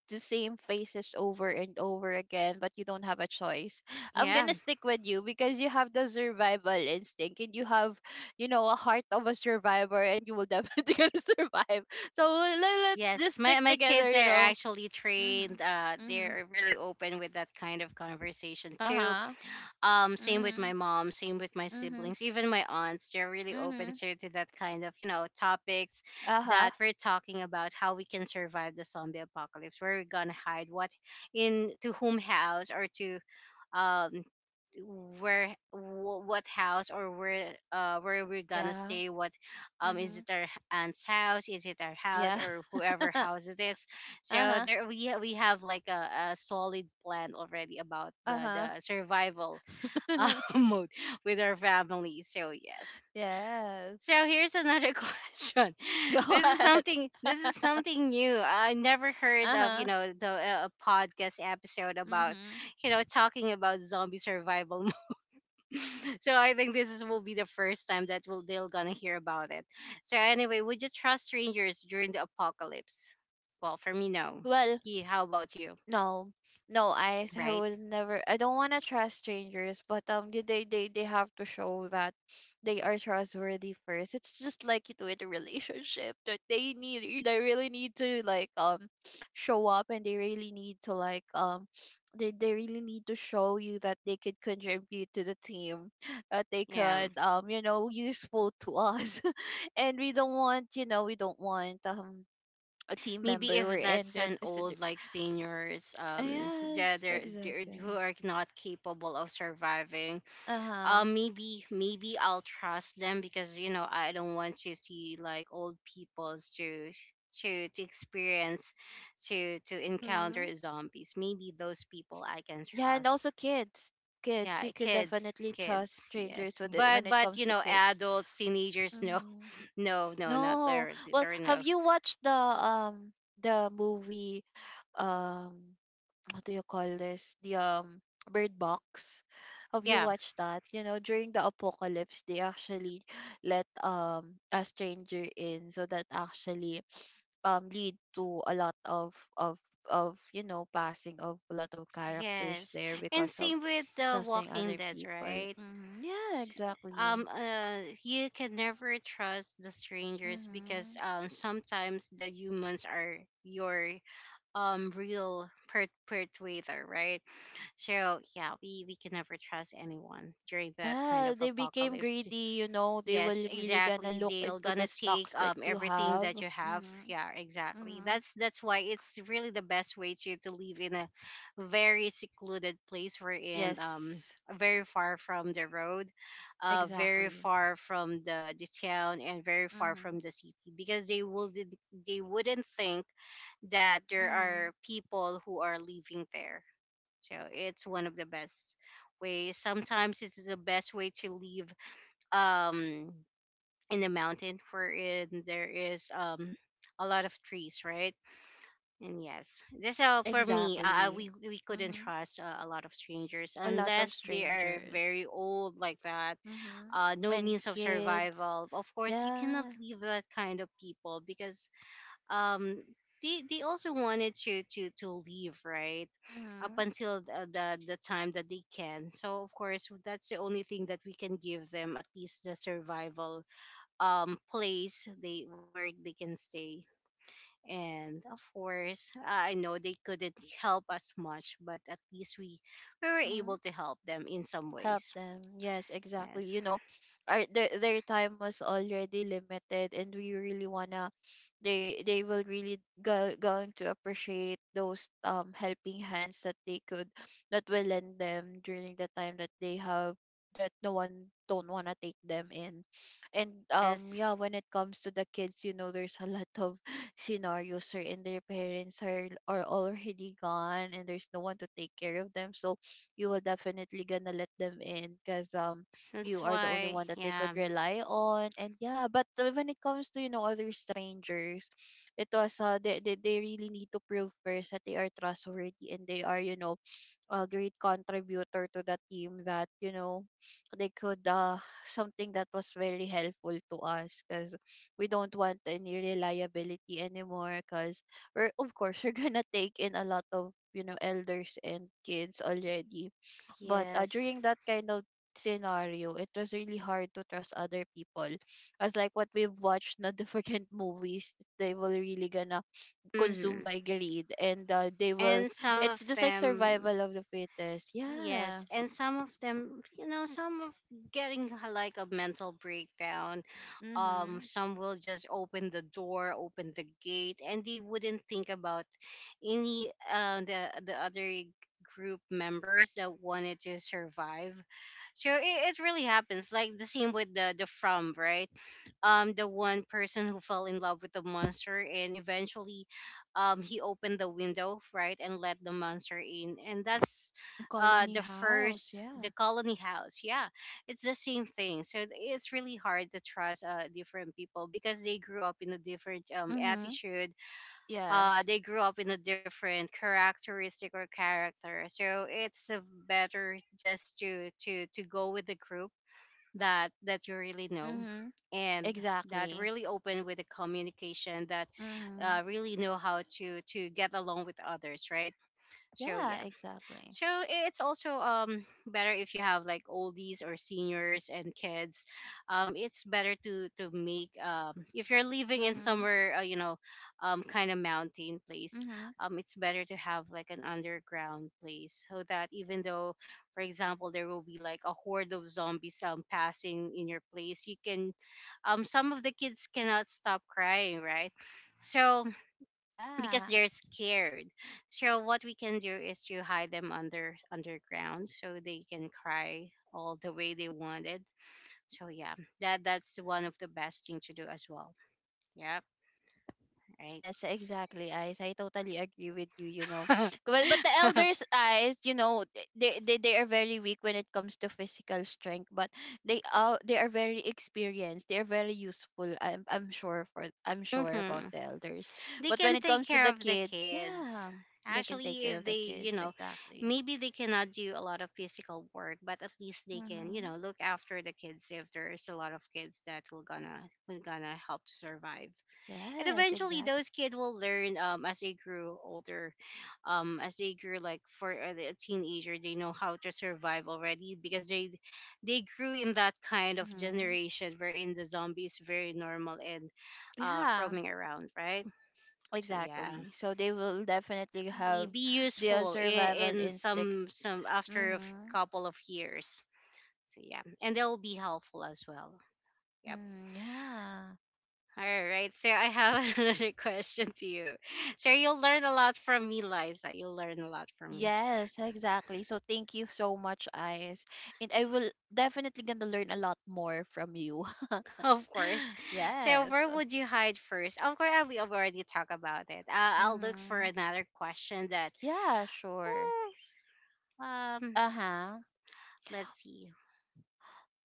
S2: the same faces over and over again, but you don't have a choice. I'm
S1: yeah.
S2: gonna stick with you because you have the survival instinct, and you have, you know, a heart of a survivor, and you will definitely gonna survive. So let's
S1: Yes,
S2: just
S1: my
S2: stick
S1: my
S2: together,
S1: kids
S2: you
S1: are
S2: know.
S1: actually
S2: Mhm.
S1: trained.
S2: Mhm.
S1: They're really open with that kind of conversation too.
S2: Uh-huh.
S1: Same with my
S2: Mhm.
S1: mom, same with my
S2: Mhm.
S1: siblings, even my aunts. They're really open
S2: Mhm.
S1: to that kind of topics
S2: Uh-huh.
S1: that we're talking about. How we can survive the zombie apocalypse? Where we're gonna hide? What, in to whom house, or to um where, what house, or where we're gonna
S2: Yeah.
S1: stay, what, is
S2: Mhm.
S1: it our aunt's house, is it our house,
S2: Yeah.
S1: or whoever house it is? So
S2: Uh-huh.
S1: there, we have like a solid plan already about the
S2: Uh-huh.
S1: the survival mode with our family, so yes.
S2: Yes.
S1: So here's another question.
S2: Go
S1: This is
S2: ahead.
S1: something. This is something new. I never heard of,
S2: Uh-huh.
S1: the podcast episode about
S2: Mhm.
S1: talking about zombie survival mode. So I think will be the first time that they're gonna hear about it. So anyway, would you trust strangers during the apocalypse? Well, for me, no.
S2: Well,
S1: Yeah, how about you?
S2: no, no, I
S1: Right?
S2: would never. I don't want to trust strangers, but they have to show that they are trustworthy first. It's just like you do in a relationship that they need. They really need to like, show up, and they really need to like, they really need to show you that they could contribute to the team, that they
S1: Yeah.
S2: could, you know, useful to us, and we don't want, you know, we don't want a team
S1: Maybe
S2: member we're
S1: if
S2: in
S1: that's
S2: that
S1: an
S2: is
S1: old like seniors, that
S2: yes,
S1: they're who
S2: exactly.
S1: are not capable of surviving,
S2: Uh-huh.
S1: maybe I'll trust them because I don't want to see like old peoples to, to experience, to
S2: Mm-hmm.
S1: encounter zombies. Maybe those people I can
S2: Yeah, and also
S1: trust.
S2: kids. Kids,
S1: Yeah,
S2: you could
S1: kids,
S2: definitely trust
S1: kids,
S2: strangers
S1: yes.
S2: with it when
S1: But
S2: it
S1: but
S2: comes to kids.
S1: adults, teenagers, no,
S2: Mm-hmm.
S1: no, no, not
S2: No.
S1: there,
S2: Well,
S1: there,
S2: have
S1: no.
S2: you watched the movie, um what do you call this? The Bird Box. Have you
S1: Yeah,
S2: watched that? You know, during the apocalypse, they actually let a stranger in, so that actually lead to a lot of you know, passing of a lot of characters
S1: yes.
S2: there
S1: And
S2: because of
S1: same with the
S2: trusting
S1: Walking
S2: other
S1: Dead,
S2: people.
S1: right?
S2: Hmm. Yeah,
S1: s-
S2: exactly.
S1: you can never trust the strangers, because
S2: Hmm.
S1: sometimes the humans are your real perpetrator, right? So yeah, we can never trust anyone during that kind
S2: Yeah,
S1: of
S2: they became
S1: apocalypse.
S2: greedy. You know, they
S1: Yes,
S2: will really gonna
S1: exactly.
S2: look
S1: They're
S2: into the
S1: gonna take
S2: stocks that you
S1: everything
S2: have.
S1: that you have.
S2: Hmm.
S1: Yeah, exactly.
S2: Hmm.
S1: That's why it's really the best way to live in a very secluded place, We're in
S2: Yes,
S1: very far from the road, very
S2: exactly.
S1: far from the town, and very far
S2: Hmm.
S1: from the city, because they wouldn't think that there
S2: Hmm.
S1: are people who are living there. So it's one of the best ways. Sometimes it's the best way to live. Um, in the mountain wherein there is a lot of trees, right? And yes, that's, for me,
S2: Exactly.
S1: we couldn't
S2: Hmm.
S1: trust a lot of strangers
S2: A lot of
S1: unless they are
S2: strangers.
S1: very old like that.
S2: Hmm.
S1: No
S2: And
S1: means of
S2: kids.
S1: survival, of course, you cannot
S2: Yeah.
S1: leave that kind of people because um they also wanted to leave, right, up
S2: Mm-hmm.
S1: until the time that they can. So of course, that's the only thing that we can give them, at least the survival place, they where they can stay. And of course, I know they couldn't help us much, but at least we were
S2: Mm-hmm.
S1: able to help them in some
S2: Help
S1: ways.
S2: them. Yes, exactly.
S1: Yes.
S2: You know, their time was already limited, and we really wanna. They will really go, going to appreciate those, um, helping hands that they could, that will lend them during the time that they have, that no one don't wanna take them in, and
S1: Yes,
S2: yeah, when it comes to the kids, you know, there's a lot of scenarios wherein their parents are already gone, and there's no one to take care of them, so you will definitely gonna let them in because you
S1: that's
S2: are the only
S1: why,
S2: one that they could
S1: yeah.
S2: rely on. And yeah, but when it comes to, you know, other strangers, it was, they, they really need to prove first that they are trustworthy and they are, you know, a great contributor to the team, that, you know, they could, something that was very helpful to us, because we don't want any reliability anymore, because we're, of course, we're gonna take in a lot of, you know, elders and kids already. But
S1: Yes.
S2: during that kind of scenario, it was really hard to trust other people. As like what we've watched na different movies, they will really gonna consume
S1: Hmm.
S2: by greed, and, they will,
S1: And some
S2: it's
S1: of
S2: just like
S1: them.
S2: survival of the fittest. Yeah.
S1: Yes, and some of them, some of, getting like a mental breakdown.
S2: Mhm.
S1: Some will just open the door, open the gate, and they wouldn't think about any the other group members that wanted to survive. So it really happens. Like the same with the From, right? The one person who fell in love with the monster, and eventually he opened the window, right, and let the monster in. And that's
S2: And Colony
S1: the
S2: House,
S1: first,
S2: yeah.
S1: the Colony House, yeah. It's the same thing. So it's really hard to trust different people, because they grew up in a different
S2: Mhm.
S1: attitude.
S2: Yes.
S1: They grew up in a different characteristic or character. So it's better just to go with the group that you really know,
S2: Mhm.
S1: and that
S2: Exactly.
S1: really open with the communication, that
S2: Mhm.
S1: really know how to get along with others, right? So
S2: Yeah,
S1: yeah.
S2: exactly.
S1: So it's also better if you have like oldies or seniors and kids. It's better to make, if you're living in
S2: Mhm.
S1: somewhere, kind of mountain place.
S2: Mhm.
S1: It's better to have like an underground place so that, even though, for example, there will be like a horde of zombies passing in your place, you can. Some of the kids cannot stop crying, right? So, because
S2: Yeah.
S1: they're scared. So what we can do is to hide them under underground so they can cry all the way they wanted. So yeah, that's one of the best thing to do as well. Yep,
S2: Yes, exactly, Eyes. I totally agree with you, you know.
S1: right.
S2: But the elders' eyes, you know, they, they are very weak when it comes to physical strength, but they are, they are very experienced. They are very useful. I'm sure for I'm sure
S1: Hmm.
S2: about the elders.
S1: They
S2: But
S1: can
S2: when it
S1: take
S2: comes to
S1: care
S2: the
S1: of the
S2: kids,
S1: kids.
S2: yeah, they can
S1: Actually,
S2: take care
S1: if
S2: of the
S1: they,
S2: kids exactly.
S1: maybe they cannot do a lot of physical work, but at least they can,
S2: Mhm.
S1: look after the kids if there is a lot of kids that will gonna help to survive. And
S2: Yes,
S1: eventually
S2: exactly.
S1: those kids will learn, as they grew older, as they grew, like, for a teenager, they know how to survive already, because they grew in that kind of
S2: Mhm.
S1: generation wherein the zombie is very normal and
S2: Yeah,
S1: roaming around, right? So yeah,
S2: exactly. So they will definitely have
S1: be
S2: their
S1: useful in,
S2: survival
S1: in
S2: instinct.
S1: some, after a
S2: Mhm.
S1: couple of years. So yeah, and they'll be helpful as well. Yeah.
S2: Mm, yeah.
S1: All right, so I have another question to you. So you'll learn a lot from me, Liza. You'll learn a lot from me,
S2: Yes, exactly. So thank you so much, Ice. And I will definitely gonna learn a lot more from you.
S1: of course. So
S2: Yes.
S1: where would you hide first? Of course, we already talked about it. I'll look for
S2: Mm-hmm.
S1: another question that,
S2: Yeah, sure.
S1: uh, um,
S2: Uh-huh.
S1: let's see.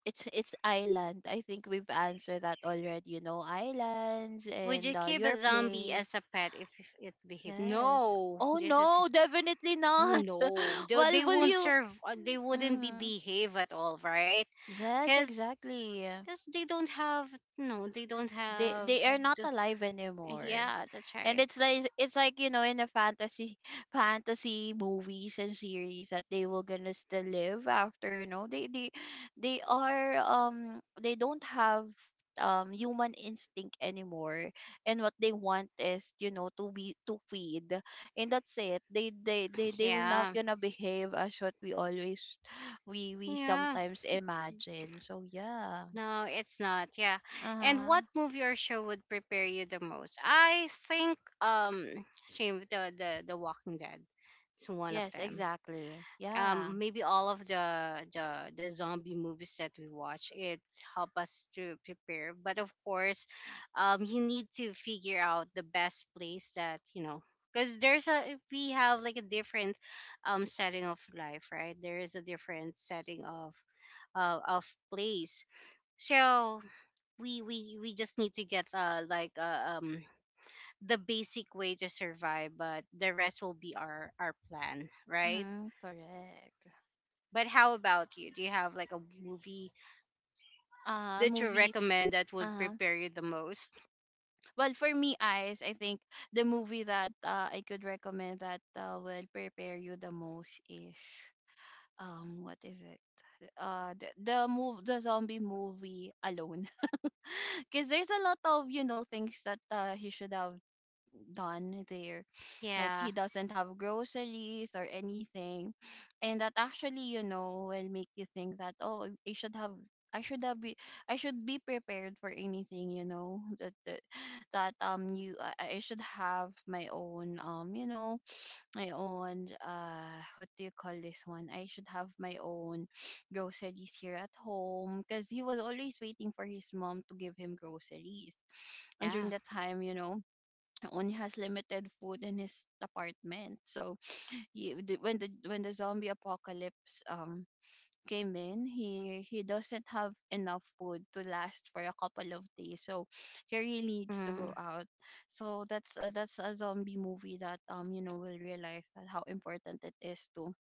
S2: It's island. I think we've answered that already, you know, islands
S1: Would
S2: and,
S1: you keep a
S2: your
S1: zombie
S2: place.
S1: as a pet if it behaved?
S2: Yes.
S1: No,
S2: Oh
S1: this is
S2: no, definitely not.
S1: no. They,
S2: Well,
S1: they
S2: will
S1: won't
S2: you?
S1: serve. They wouldn't be
S2: Mm-hmm.
S1: behave at all, right?
S2: Yes,
S1: Because
S2: exactly.
S1: because they don't have no they don't
S2: they
S1: have
S2: they are not
S1: the,
S2: alive anymore,
S1: yeah that's
S2: and
S1: right
S2: it's like, it's like, you know, in the fantasy fantasy movies and series that they will gonna still live after, you know, they are they don't have human instinct anymore, and what they want is, you know, to be to feed, and that's it. They will not
S1: yeah
S2: gonna behave as what we always we
S1: yeah
S2: sometimes imagine. So yeah.
S1: no it's not yeah and
S2: Uh-huh.
S1: what movie or show would prepare you the most? I think same with the Walking Dead. It's one of
S2: Yes,
S1: them.
S2: exactly. Yeah.
S1: Maybe all of the zombie movies that we watch it help us to prepare, but of course you need to figure out the best place, that you know because there's a we have like a different setting of life, right? There is a different setting of uh, of place. So we just need to get the basic way to survive, but the rest will be our plan, right?
S2: Mm-hmm. Correct.
S1: But how about you? Do you have like a movie that you
S2: Movie.
S1: recommend that would
S2: Uh-huh.
S1: prepare you the most?
S2: Well, for me, eyes, I think the movie that, I could recommend that, will prepare you the most is what is it? The zombie movie alone. Because there's a lot of, you know, things that, he should have done there. Like he
S1: Yeah.
S2: doesn't have groceries or anything. And that actually, you know, will make you think that, oh, I should have be I should be prepared for anything, you know, that, you I should have my own, you know, my own, what do you call this one? I should have my own groceries here at home, because he was always waiting for his mom to give him groceries. And
S1: Yeah.
S2: during that time, you know, only has limited food in his apartment. So he, when the zombie apocalypse came in, he doesn't have enough food to last for a couple of days. So he really needs to go
S1: Mm.
S2: out. So that's a zombie movie that, you know, will realize that how important it is to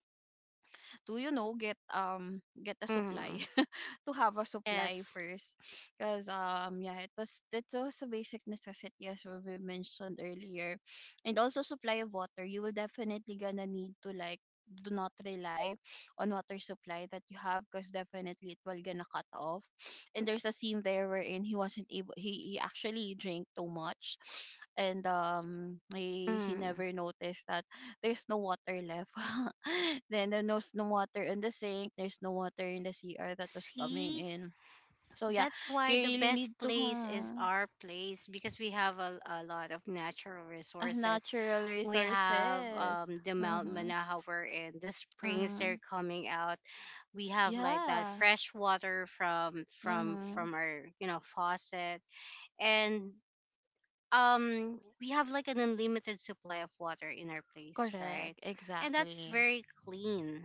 S2: to you know, get a
S1: Mm.
S2: supply. To have a supply
S1: Yes.
S2: first. Because yeah, it was, that was a basic necessity as what we mentioned earlier. And also supply of water. You will definitely gonna need to like do not rely on water supply that you have, because definitely it will gonna cut off. And there's a scene there wherein he wasn't able, he actually drank too much, and he
S1: Mm.
S2: never noticed that there's no water left. Then there was no water in the sink. There's no water in the CR that was coming
S1: See,
S2: in. So yeah,
S1: that's why
S2: you
S1: the
S2: really
S1: best
S2: need to,
S1: place is
S2: hmm,
S1: our place, because we have a lot of natural resources.
S2: natural
S1: We have
S2: resources.
S1: the Mount
S2: Mm-hmm.
S1: Manaha we're in, the springs they're
S2: Mm-hmm.
S1: coming out. We have like that
S2: Yeah.
S1: fresh water from from
S2: Mm-hmm.
S1: from our, you know, faucet, and we have like an unlimited supply of water in our place, right?
S2: Correct.
S1: And that's
S2: Exactly.
S1: very clean.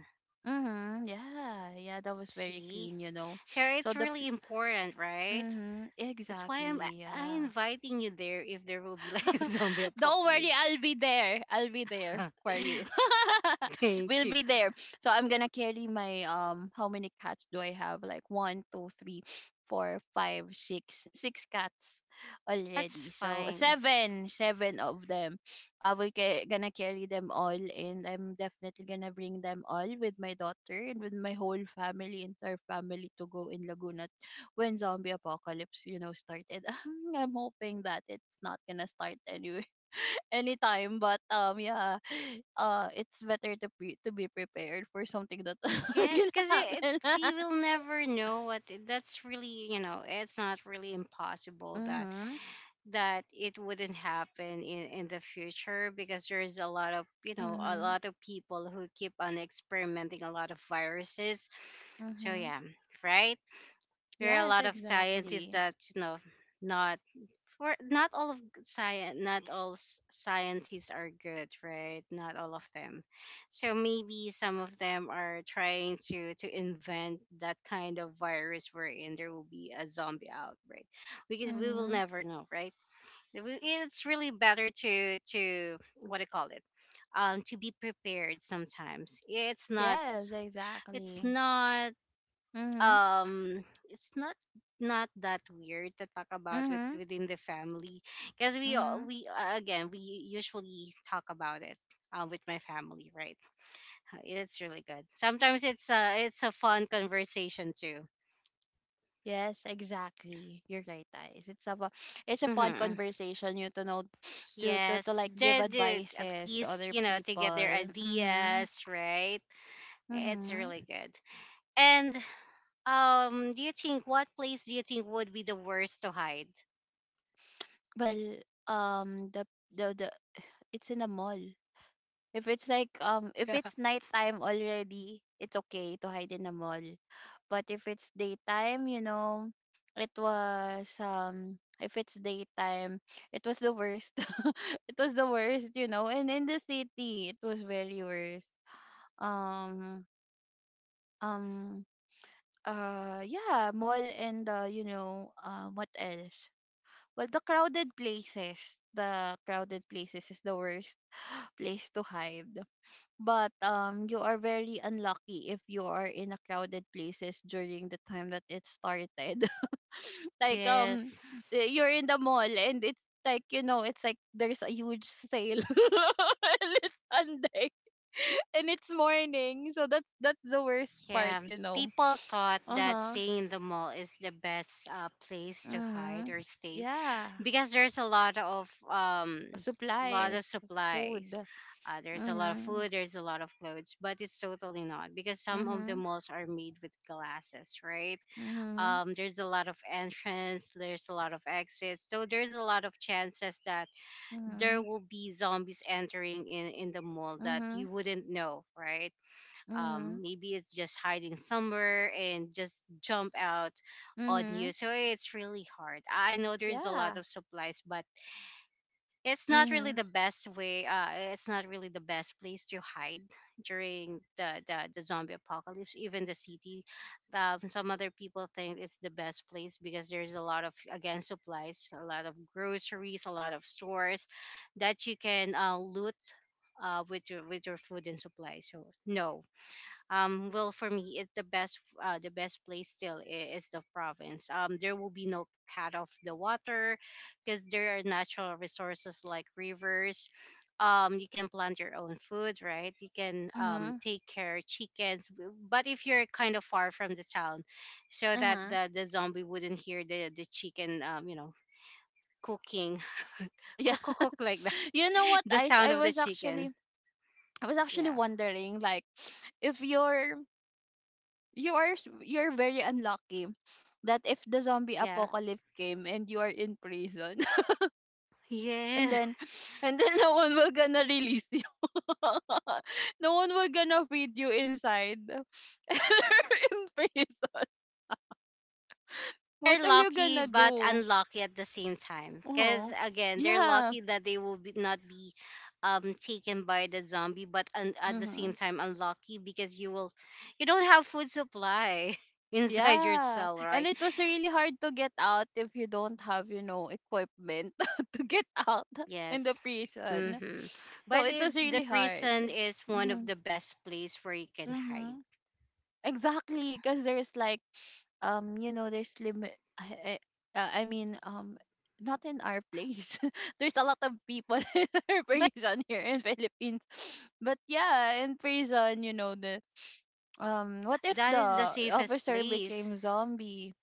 S2: Mm-hmm. Yeah. Yeah. That was very
S1: See,
S2: clean, you know.
S1: so
S2: So
S1: it's
S2: the
S1: really important, right?
S2: mm-hmm,
S1: That's why I'm
S2: exactly.
S1: I
S2: Yeah.
S1: inviting you there if there will be like a zombie
S2: Don't worry,
S1: apocalypse.
S2: I'll be there. I'll be there for you.
S1: Thank
S2: We'll
S1: you.
S2: be there. So I'm gonna carry my, um, how many cats do I have? Like one, two, three, four, five, six, six cats already.
S1: That's
S2: So
S1: fine.
S2: seven, seven of them. I will gonna carry them all, and I'm definitely gonna bring them all with my daughter and with my whole family, entire family to go in Laguna when zombie apocalypse, you know, started. I'm hoping that it's not gonna start anyway anytime, but yeah, it's better to be prepared for something that are
S1: Yes,
S2: gonna
S1: because it
S2: happen.
S1: we will never know what that's really, you know, it's not really impossible that
S2: Mhm.
S1: that it wouldn't happen in the future, because there is a lot of, you know, a
S2: Mhm.
S1: lot of people who keep on experimenting a lot of viruses. So
S2: Mhm.
S1: yeah. Right. There are a
S2: Yes,
S1: lot of scientists
S2: exactly.
S1: that, you know, not for not all of science, not all scientists are good, right? Not all of them. So maybe some of them are trying to invent that kind of virus wherein there will be a zombie outbreak. We will
S2: Mhm.
S1: never know, right? It's really better to what do you call it, to be prepared. Sometimes it's not
S2: Yes,
S1: it's
S2: exactly.
S1: not
S2: Mhm.
S1: um it's not not that weird to talk about with
S2: Mhm.
S1: within the family, because we all-
S2: Mhm.
S1: we again, we usually talk about it with my family, right? It's really good. Sometimes it's a fun conversation too.
S2: Yes, exactly. You're right, guys. It's a it's a fun
S1: Hmm.
S2: conversation. You to know to
S1: Yes,
S2: like give
S1: they did. At
S2: advices to
S1: least,
S2: other
S1: you know, to get their
S2: people. Mhm.
S1: ideas, right? It's
S2: Mhm.
S1: really good. And do you think what place do you think would be the worst to hide?
S2: Well, um, the the it's in the mall. If it's like if
S1: Yeah.
S2: it's nighttime already, it's okay to hide in the mall. But if it's daytime, you know, it was if it's daytime, it was the worst. It was the worst, you know. And in the city, it was very worst. Um um yeah, mall and what else? Well, the crowded places. The crowded places is the worst place to hide. But you are very unlucky if you are in a crowded places during the time that it started, like um
S1: Yes.
S2: you're in the mall, and it's it's like there's a huge sale and it's Sunday and it's morning, so that's the worst part,
S1: Yeah.
S2: you know.
S1: People thought that
S2: Uh-huh.
S1: staying in the mall is the best place to hide
S2: Mm-hmm.
S1: or stay,
S2: Yeah.
S1: because there's a lot of
S2: Supplies. Food.
S1: supplies. There's a lot of
S2: Mm-hmm.
S1: food, there's a lot of clothes, but it's totally not, because some of the
S2: Mm-hmm.
S1: malls are made with glasses, right?
S2: Mm-hmm.
S1: There's a lot of entrance, there's a lot of exits, so there's a lot of chances that there
S2: Mm-hmm.
S1: will be zombies entering in the mall that
S2: Mm-hmm.
S1: you wouldn't know, right?
S2: Mm-hmm.
S1: Maybe it's just hiding somewhere and just jump out on
S2: Mm-hmm,
S1: you. So it's really hard. I know there's a lot
S2: yeah.
S1: of supplies, but it's not really
S2: Mhm,
S1: the best way. It's not really the best place to hide during the zombie apocalypse. Even the city, some other people think it's the best place because there's a lot of, again, supplies, a lot of groceries, a lot of stores that you can loot with your food and supplies, so no. Well, for me, it's the best place still is the province. Um, there will be no cut off the water, because there are natural resources like rivers. Um, you can plant your own food, right? You can, um,
S2: mhm,
S1: take care chickens but if you're kind of far from the town, so that
S2: uh-huh.
S1: the zombie wouldn't hear the chicken, um, you know, cooking.
S2: Yeah.
S1: Cook like that.
S2: You know what,
S1: The
S2: Ice?
S1: sound of the chicken.
S2: I was actually
S1: Yeah.
S2: wondering like if you're you are you're very unlucky that if the zombie
S1: Yeah.
S2: apocalypse came and you are in prison, and
S1: Yes.
S2: then no one will gonna release you. No one will gonna feed you inside in prison.
S1: They're
S2: What are you
S1: lucky
S2: gonna
S1: but
S2: do?
S1: unlucky at the same time, because
S2: Uh-huh.
S1: again, they're
S2: Yeah.
S1: lucky that they will be, not be, um, taken by the zombie, but at the
S2: Mm-hmm.
S1: same time unlucky, because you will you don't have food supply inside your
S2: Yeah.
S1: cell,
S2: And
S1: right?
S2: it was really hard to get out if you don't have, you know, equipment to get out in the
S1: Yes.
S2: prison.
S1: Mm-hmm.
S2: So
S1: But
S2: it
S1: it,
S2: was
S1: the
S2: really hard.
S1: prison is one of
S2: Mm-hmm.
S1: the best place where you can hide.
S2: Mm-hmm. Exactly, because there's like, there's limit. I, uh, I mean, um, not in our place. There's a lot of people in our
S1: But
S2: prison here in Philippines. But yeah, in prison, you know, the what if
S1: that is the
S2: the
S1: safest
S2: officer
S1: place.
S2: became zombie?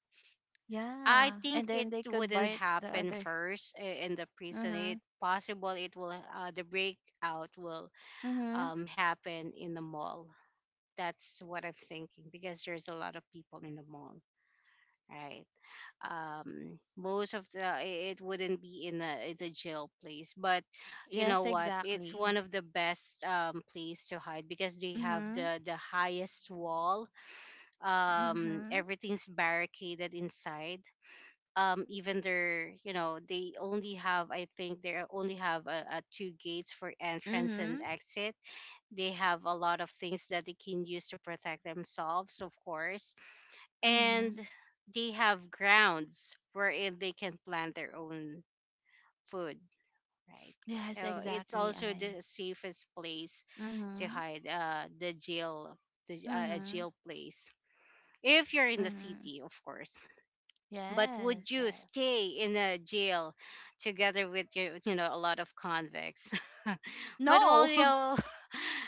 S1: I
S2: Yeah,
S1: think
S2: and
S1: it
S2: then they could
S1: wouldn't
S2: bite the
S1: happen
S2: other.
S1: first in the prison. It
S2: Mhm.
S1: possible it will the breakout will
S2: Mhm.
S1: happen in the mall. That's what I'm thinking, because there's a lot of people in the mall, right? Most of it wouldn't be in the jail place, but you know
S2: Yes,
S1: what? It's
S2: exactly.
S1: one of the best, place to hide, because they have
S2: Mhm.
S1: the highest wall.
S2: Mhm.
S1: Everything's barricaded inside. Um, even their, you know, they only have, I think they only have two gates for entrance and
S2: Mhm.
S1: exit. They have a lot of things that they can use to protect themselves, of course, and
S2: Mhm.
S1: they have grounds wherein they can plant their own food, right?
S2: Yes,
S1: So it's
S2: exactly,
S1: also the
S2: eyes.
S1: safest place to
S2: Mhm.
S1: hide, the jail, the a
S2: Mhm.
S1: jail place, if you're in the
S2: Mhm.
S1: city of course. But would
S2: Yes,
S1: you
S2: yes.
S1: stay in a jail together with your, you know, a lot of convicts? But well,
S2: No.
S1: you know,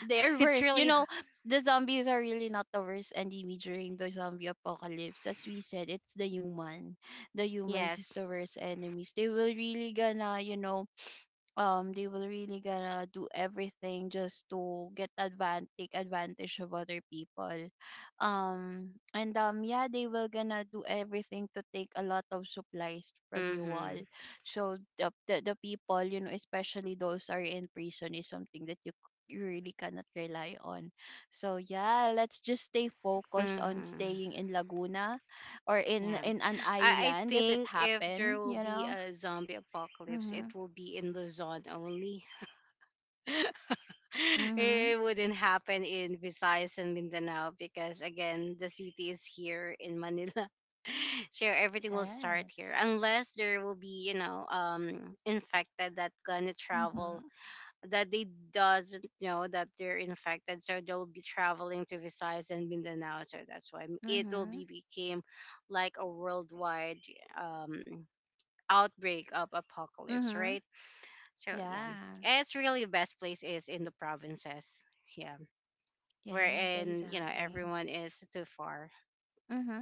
S2: They're
S1: it's
S2: worse. You
S1: really
S2: know, the zombies are really not the worst enemy during the zombie apocalypse. As we said, it's the human. The humans is the
S1: yes.
S2: worst enemies. They will really gonna, you know, they will really gonna do everything just to get advan take advantage of other people, and yeah, they will gonna do everything to take a lot of supplies from you all.
S1: Mhm.
S2: So the people, you know, especially those are in prison is something that you you really cannot rely on. So yeah, let's just stay focused on
S1: Mhm.
S2: staying in Laguna or in
S1: Yeah.
S2: an
S1: I
S2: island if it
S1: think if there
S2: happen,
S1: will
S2: you
S1: be
S2: know.
S1: a zombie apocalypse, it
S2: Mm-hmm.
S1: will be in Luzon only.
S2: Mm-hmm.
S1: It wouldn't happen in Visayas and Mindanao, because again, the city is here in Manila. So everything will start here,
S2: Yes.
S1: unless there will be, you know, um, infected that gonna travel,
S2: Mm-hmm.
S1: that they doesn't know that they're infected, so they'll be traveling to Visayas and Mindanao. So that's why it will
S2: Mm-hmm.
S1: be became like a worldwide, um, outbreak of apocalypse,
S2: Mm-hmm.
S1: right? So yeah,
S2: Yeah.
S1: it's really best place is in the provinces. Yeah,
S2: Yes,
S1: wherein you know
S2: exactly.
S1: everyone is too far.
S2: Mm-hmm.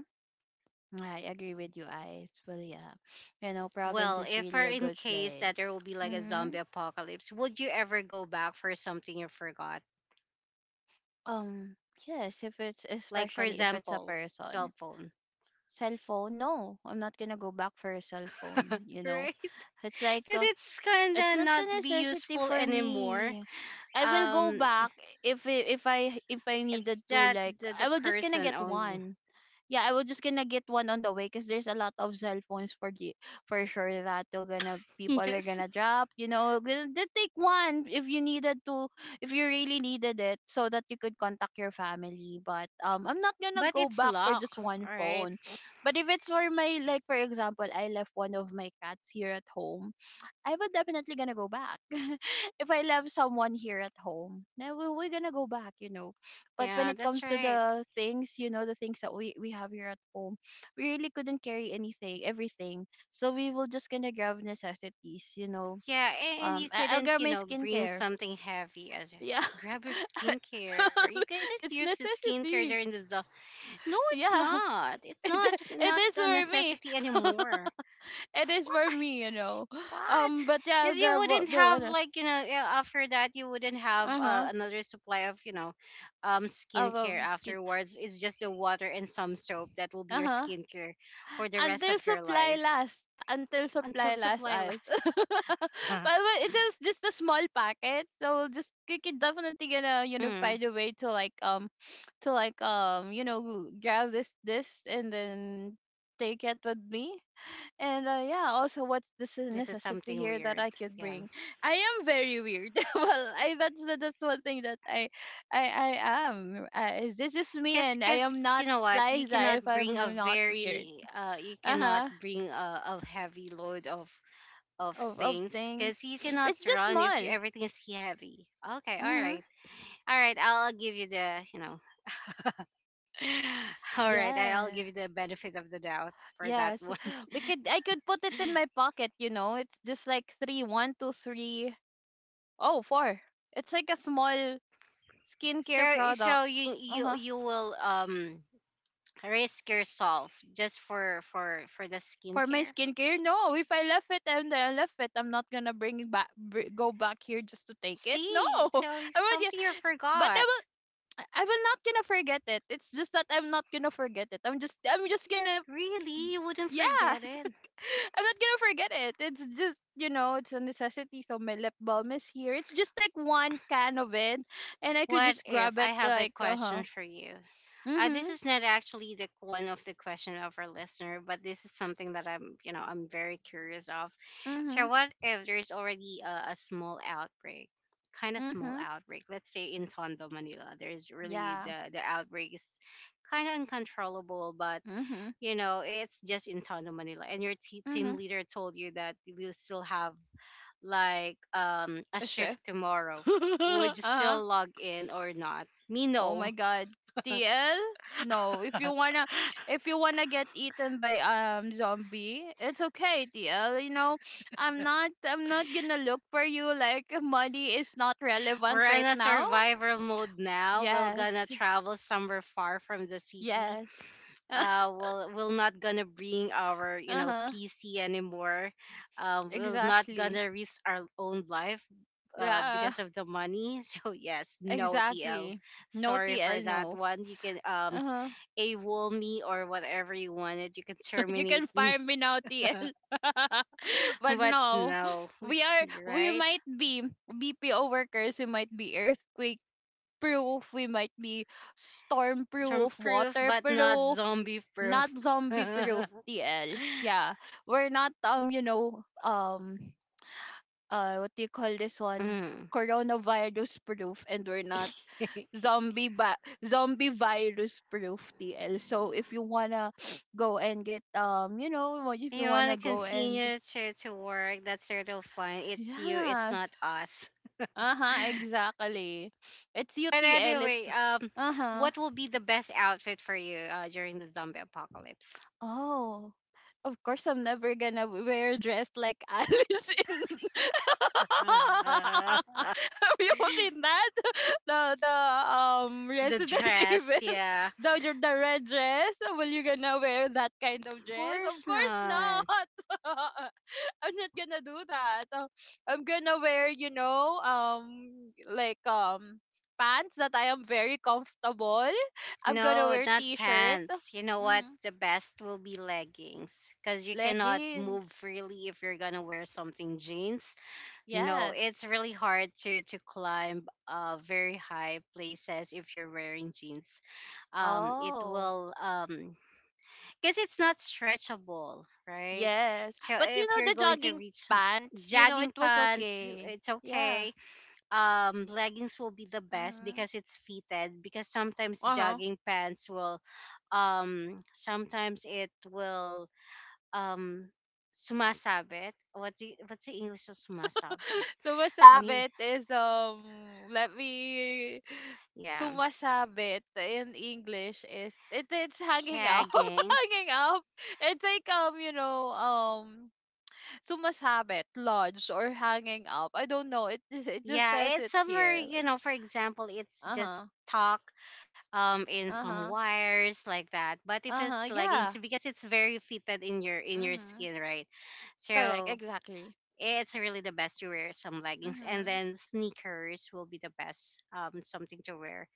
S2: I agree with you, Ice. Well, yeah. You know, province
S1: Well,
S2: is
S1: if
S2: really
S1: or
S2: a
S1: in
S2: good
S1: case that there
S2: place.
S1: will be like a
S2: Mm-hmm.
S1: zombie apocalypse, would you ever go back for something you forgot?
S2: Um, yes, if it's
S1: Like for
S2: especially if it's a
S1: example, cell
S2: person.
S1: phone,
S2: Cell phone, no, I'm not gonna go back for a cell phone, you know.
S1: right?
S2: It's like
S1: Because it's
S2: it's
S1: kinda
S2: not a
S1: not be
S2: necessity
S1: useful
S2: for
S1: anymore.
S2: me. I will go
S1: Um,
S2: back if I- if I if I
S1: it's
S2: needed to,
S1: that
S2: like
S1: the
S2: I will just gonna
S1: person
S2: get
S1: only.
S2: one. Yeah, I was just gonna get one on the way because there's a lot of cell phones for the for sure that they're gonna people are
S1: Yes,
S2: gonna drop. You know, then take one if you needed to, if you really needed it, so that you could contact your family. But I'm not gonna
S1: but
S2: go
S1: it's
S2: back for just
S1: locked,
S2: one
S1: right?
S2: phone. But if it's for my like, for example, I left one of my cats here at home, I would definitely gonna go back. If I love someone here at home, now we're gonna go back, you know. But when
S1: Yeah,
S2: it
S1: that's
S2: comes to
S1: right.
S2: the things, you know, the things that we have here at home, we really couldn't carry anything, everything. So we will just gonna grab necessities, you know.
S1: Yeah, and you
S2: I'll
S1: couldn't,
S2: grab
S1: you
S2: my
S1: know, bring
S2: skincare.
S1: something heavy as
S2: Yeah,
S1: grab your skincare. You couldn't use the
S2: it's
S1: skincare during
S2: necessity.
S1: the no, it's
S2: Yeah,
S1: not. It's not
S2: it's
S1: not
S2: it is
S1: a
S2: for me.
S1: necessity anymore.
S2: It is for me, you know.
S1: What?
S2: But yeah, I'll
S1: Because you
S2: grab what
S1: wouldn't
S2: grab
S1: have
S2: what.
S1: like, you know, after that you wouldn't have
S2: Uh huh.
S1: another supply of, you know, um, skincare
S2: Above skin.
S1: afterwards. It's just the water and some soap that will be your
S2: Uh-huh.
S1: skincare for the rest
S2: Until
S1: of your
S2: supply
S1: life,
S2: lasts. Until supply
S1: until
S2: lasts
S1: supply
S2: us. But
S1: lasts.
S2: it was just a small packet. So just we could definitely gonna, you know, find a
S1: Mm,
S2: way to like to like, grab this and then take it with me. And yeah, also what's this is
S1: this is
S2: necessity
S1: something
S2: here that I
S1: weird.
S2: could
S1: Yeah.
S2: bring? I am very weird. Well, I that's that's one thing that I I am. This is me,
S1: Cause,
S2: and I
S1: cause
S2: am
S1: you
S2: not
S1: know what, you
S2: Liza
S1: cannot
S2: if
S1: bring a
S2: I'm not weird.
S1: very, you
S2: Uh
S1: cannot
S2: huh.
S1: bring a heavy load of
S2: Of
S1: things, cause
S2: things,
S1: you cannot
S2: it's just
S1: run if you,
S2: small.
S1: everything is heavy. Okay, all
S2: Mhm.
S1: right, all right. I'll give you the, you know, all right. I'll give
S2: Yeah.
S1: you the benefit of the doubt for that
S2: Yes.
S1: one.
S2: We could. I could put it in my pocket. You know, it's just like three, one, two, three. Oh, four. It's like a small skincare
S1: So,
S2: product.
S1: so you
S2: Uh
S1: you
S2: huh.
S1: you will, um, risk yourself just for for the
S2: For my
S1: skincare.
S2: skincare, no. If I left it and I left it, I'm not gonna bring it back, go back here just to take it. No,
S1: See, so
S2: I would.
S1: something you
S2: But I
S1: forgot.
S2: will. I will not gonna forget it. It's just that I'm not gonna forget it. I'm just gonna.
S1: Really? You wouldn't
S2: Yeah,
S1: forget it?
S2: I'm not gonna forget it. It's just you know, it's a necessity. So my lip balm is here. It's just like one can of it, and I could
S1: What
S2: just
S1: if
S2: grab
S1: I
S2: it
S1: have a
S2: like uh huh.
S1: question for you? This
S2: Mhm.
S1: is not actually the one of the question of our listener, but this is something that I'm, you know, I'm very curious of. So,
S2: Mhm.
S1: what if there's already a small outbreak, kind of small
S2: Mhm.
S1: outbreak? Let's say in Tondo, Manila, there's really
S2: Yeah.
S1: the outbreak is kind of uncontrollable, but
S2: Mhm.
S1: you know, it's just in Tondo, Manila, and your team
S2: Mhm.
S1: leader told you that we'll still have like, a
S2: A chef.
S1: shift tomorrow. Would you
S2: uh
S1: still log in or not? Me,
S2: Oh my
S1: no.
S2: god. TL? No, if you wanna get eaten by zombie, it's okay, TL. You know, I'm not gonna look for you like money is not relevant
S1: We're in
S2: right
S1: a
S2: now.
S1: survival mode now. We're gonna
S2: Yes.
S1: travel somewhere far from the city.
S2: Yes.
S1: We'll, we're not gonna bring our, you know,
S2: Uh-huh.
S1: PC anymore. We're not
S2: Exactly.
S1: gonna risk our own life,
S2: Yeah,
S1: because of the money. So yes, no TL.
S2: exactly. No
S1: Sorry for
S2: TL,
S1: that
S2: no.
S1: one. You can, um,
S2: Uh-huh.
S1: AWOL me or whatever you wanted. You can
S2: You
S1: terminate
S2: can
S1: me.
S2: fire me now, TL. But
S1: But
S2: no,
S1: no,
S2: we are
S1: you're
S2: we
S1: right.
S2: might be BPO workers. We might be earthquake proof. We might be storm
S1: Some
S2: proof,
S1: proof,
S2: water
S1: but not
S2: proof,
S1: zombie
S2: not
S1: proof.
S2: zombie proof.
S1: Mm.
S2: TL. Yeah, we're not what do you call this one? Coronavirus proof, and we're not
S1: You
S2: zombie ba- zombie virus proof, TL. So if you wanna go and get, what if you
S1: want
S2: wanna
S1: to
S2: go and
S1: continue to work. That's sort of fun. It's you, it's not
S2: yes,
S1: us.
S2: uh huh, exactly. It's
S1: But
S2: UTL. It's
S1: anyway,
S2: uh huh.
S1: what will be the best outfit for you, during the zombie apocalypse?
S2: Oh, of course, I'm never gonna wear dressed like Alice in. Have you seen that? The
S1: The
S2: Resident
S1: dress,
S2: Evil,
S1: yeah.
S2: the red dress. Will you gonna wear that kind of
S1: Of
S2: dress? Of
S1: course
S2: course
S1: not.
S2: not. I'm not gonna do that. I'm gonna wear, you know, pants that I am very comfortable. I'm gonna
S1: No,
S2: wear
S1: not
S2: t-shirt.
S1: pants. You know what?
S2: Mm-hmm.
S1: The best will be leggings, because you cannot
S2: Leggings.
S1: move freely if you're gonna wear something jeans. No, it's
S2: Yes.
S1: really hard to climb, uh, very high places if you're wearing jeans. It
S2: Oh,
S1: will, um, because it's not stretchable, right?
S2: yes.
S1: So
S2: But you
S1: if
S2: know
S1: you're
S2: the
S1: going to
S2: jogging
S1: reach
S2: pants, you know, it
S1: jogging
S2: was
S1: pants,
S2: okay.
S1: it's
S2: Yeah.
S1: okay. Um, leggings will be the best
S2: Mm-hmm.
S1: because it's fitted, because sometimes
S2: Uh-huh.
S1: jogging pants will, um, sometimes it will, um, sumasabit. What's what's the english of sumasabit? I mean,
S2: Sumasabit is let me
S1: yeah,
S2: sumasabit in English is it's hanging up.
S1: sagging.
S2: Hanging up. It's like, sumasabit, lodge or hanging up. I don't know. It just
S1: Yeah,
S2: says
S1: it's
S2: it
S1: somewhere,
S2: here.
S1: you
S2: Like,
S1: know, for example, it's just
S2: uh-huh.
S1: talk, um, in some
S2: Uh-huh.
S1: wires like that, but if
S2: Uh-huh.
S1: it's leggings,
S2: Yeah.
S1: because it's very fitted in your
S2: Mm-hmm.
S1: skin, right?
S2: Correct,
S1: So
S2: exactly.
S1: it's really the best to wear some leggings, and
S2: Mm-hmm.
S1: then sneakers will be the best, um, something to wear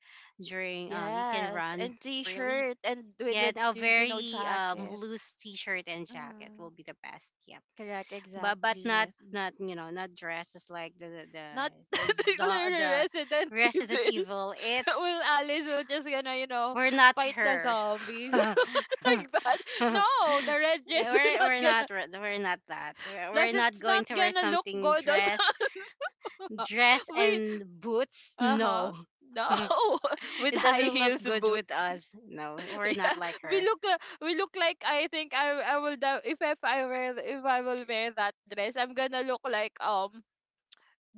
S1: during, um, you can
S2: Yes,
S1: run
S2: and
S1: freely.
S2: t-shirt and with
S1: Yeah, and a
S2: you know,
S1: very, um,
S2: jacket.
S1: loose t-shirt and jacket
S2: Mm-hmm.
S1: will be the best. Yeah,
S2: Correct,
S1: but not
S2: exactly.
S1: not, you know, not dresses like the the the,
S2: Not
S1: the, zo-
S2: particular
S1: the
S2: Resident
S1: Resident
S2: Evil.
S1: Evil.
S2: Well,
S1: It's
S2: Alice will just gonna, you know,
S1: we're not
S2: fight the
S1: her.
S2: zombies like that. No, the red
S1: Yeah,
S2: dress is not
S1: we're
S2: gonna.
S1: not re- we're not that.
S2: Plus,
S1: We're not
S2: it's not
S1: going to wear
S2: gonna look
S1: something
S2: good on
S1: dress.
S2: us.
S1: Dress
S2: We
S1: and boots,
S2: uh huh.
S1: no.
S2: No, with
S1: It
S2: high
S1: doesn't look
S2: heels
S1: good
S2: boot.
S1: with us. No, we're not
S2: Yeah,
S1: like her.
S2: we look like I think I will da- if I wear if I will wear that dress, I'm gonna look like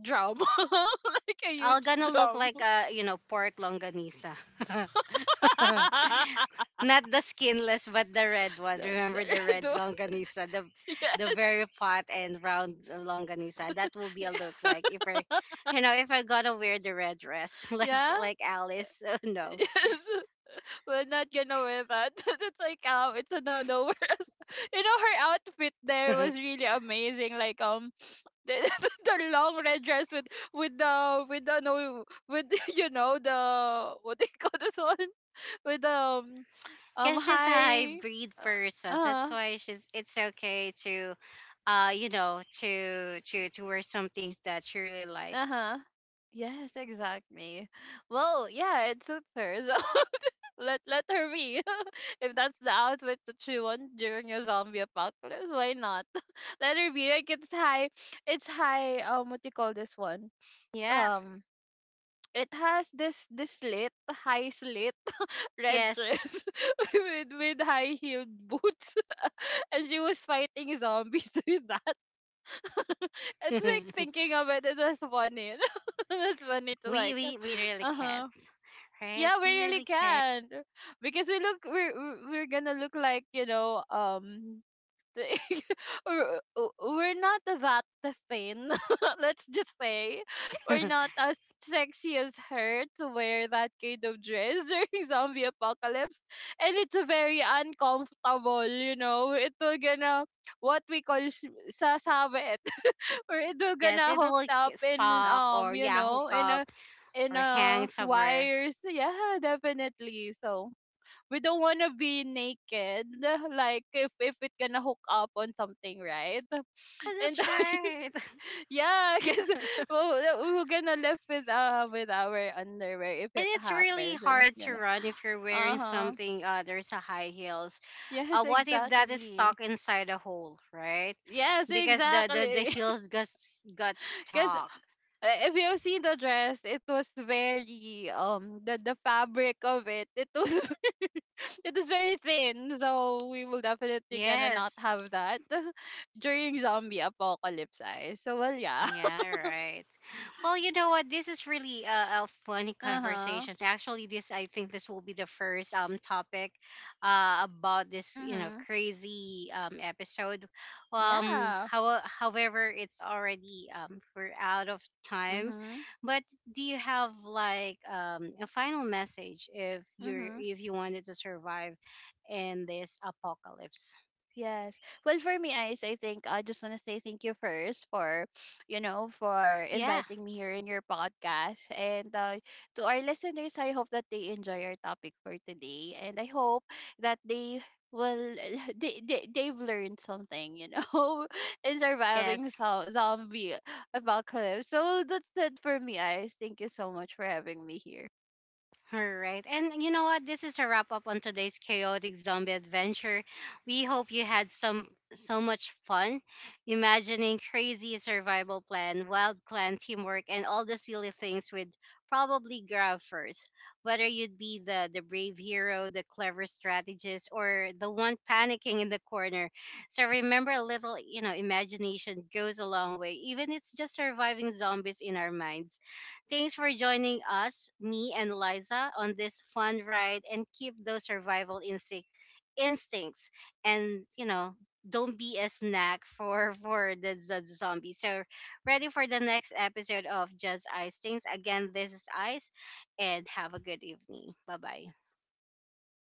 S2: drum, like a
S1: I'll
S2: huge
S1: gonna look
S2: drum.
S1: like, you know, pork longanisa. Not the skinless but the red one. Remember the
S2: The-
S1: red
S2: do-
S1: longanisa, the
S2: Yes.
S1: very fat and round longanisa. That will be a look like if I, you know, if I gotta wear the red dress
S2: Yeah,
S1: like Alice. Oh no.
S2: yes. We're not gonna wear that. It's like, it's a no no. You know, her outfit there was really amazing, like the, the long red dress with the no with the, you know, the what do you call this one, with the
S1: Because she's a
S2: high
S1: hybrid
S2: uh
S1: person. That's
S2: uh
S1: why she's. It's okay to, you know, to to wear some things that she really likes.
S2: uh-huh, yes exactly. Well yeah, it suits her, so let her be. If that's the outfit that she wants during a zombie apocalypse, why not? Let her be, like it's high, um, what do you call this one?
S1: Yeah.
S2: Um, it has this slit, high slit red
S1: Yes.
S2: dress with high heeled boots, and she was fighting zombies with that. It's like,
S1: We
S2: thinking about it, it was funny. That's funny to
S1: we
S2: like,
S1: we really
S2: uh
S1: can't,
S2: huh.
S1: right?
S2: Yeah, we
S1: We
S2: really
S1: really can't.
S2: can because we look we're gonna look like, you know, the- we're not that thin. Let's just say we're not as sexy as her to wear that kind of dress during zombie apocalypse, and it's a very uncomfortable. You know, it will gonna what we call sasabit, or it will
S1: Yes,
S2: gonna
S1: it will
S2: hooked up in
S1: stalk or yeah, hook up
S2: in
S1: or hang
S2: a
S1: somewhere.
S2: wires. Yeah, definitely. So we don't want to be naked like if it gonna hook up on something, right?
S1: Oh,
S2: And
S1: that's right.
S2: yeah, because we're gonna live with our underwear if
S1: And
S2: it
S1: it's really
S2: happens, and it's
S1: hard to
S2: gonna
S1: run if you're wearing
S2: uh-huh,
S1: something. There's a high heels,
S2: yes
S1: what if that is
S2: exactly,
S1: stuck inside a hole, right?
S2: yes
S1: Because the
S2: exactly.
S1: heels got got
S2: Because
S1: stuck.
S2: if you see the dress, it was very the fabric of it. It was it was very thin, so we will definitely gonna not
S1: Yes.
S2: have that during zombie apocalypse. I so well yeah.
S1: Yeah, right. Well, you know what? This is really a funny
S2: Uh huh.
S1: conversation. Actually, this I think this will be the first, um, topic, about this, you know,
S2: Mhm.
S1: crazy, um, episode.
S2: Yeah.
S1: How however, it's already, um, we're out of time.
S2: Mhm.
S1: But do you have like, um, a final message if you're
S2: Mhm.
S1: if you wanted to survive in this apocalypse?
S2: Yes. Well, for me, Ice, I think I just want to say thank you first for, you know, for
S1: Yeah.
S2: inviting me here in your podcast. And to our listeners, I hope that they enjoy our topic for today. And I hope that they will, they've learned something, you know, in surviving
S1: Yes.
S2: zombie apocalypse. So that's it for me, Ice. Thank you so much for having me here.
S1: All right. And you know what? This is a wrap up on today's chaotic zombie adventure. We hope you had some so much fun imagining crazy survival plan, wild clan teamwork, and all the silly things we'd probably grab first. Whether you'd be the brave hero, the clever strategist, or the one panicking in the corner. So remember, a little, you know, imagination goes a long way, even it's just surviving zombies in our minds. Thanks for joining us, me and Liza, on this fun ride, and keep those survival instinct instincts, and you know, don't be a snack for for the, zombie. So ready for the next episode of Just Ice Things. Again, this is Ice, and have a good evening. Bye bye.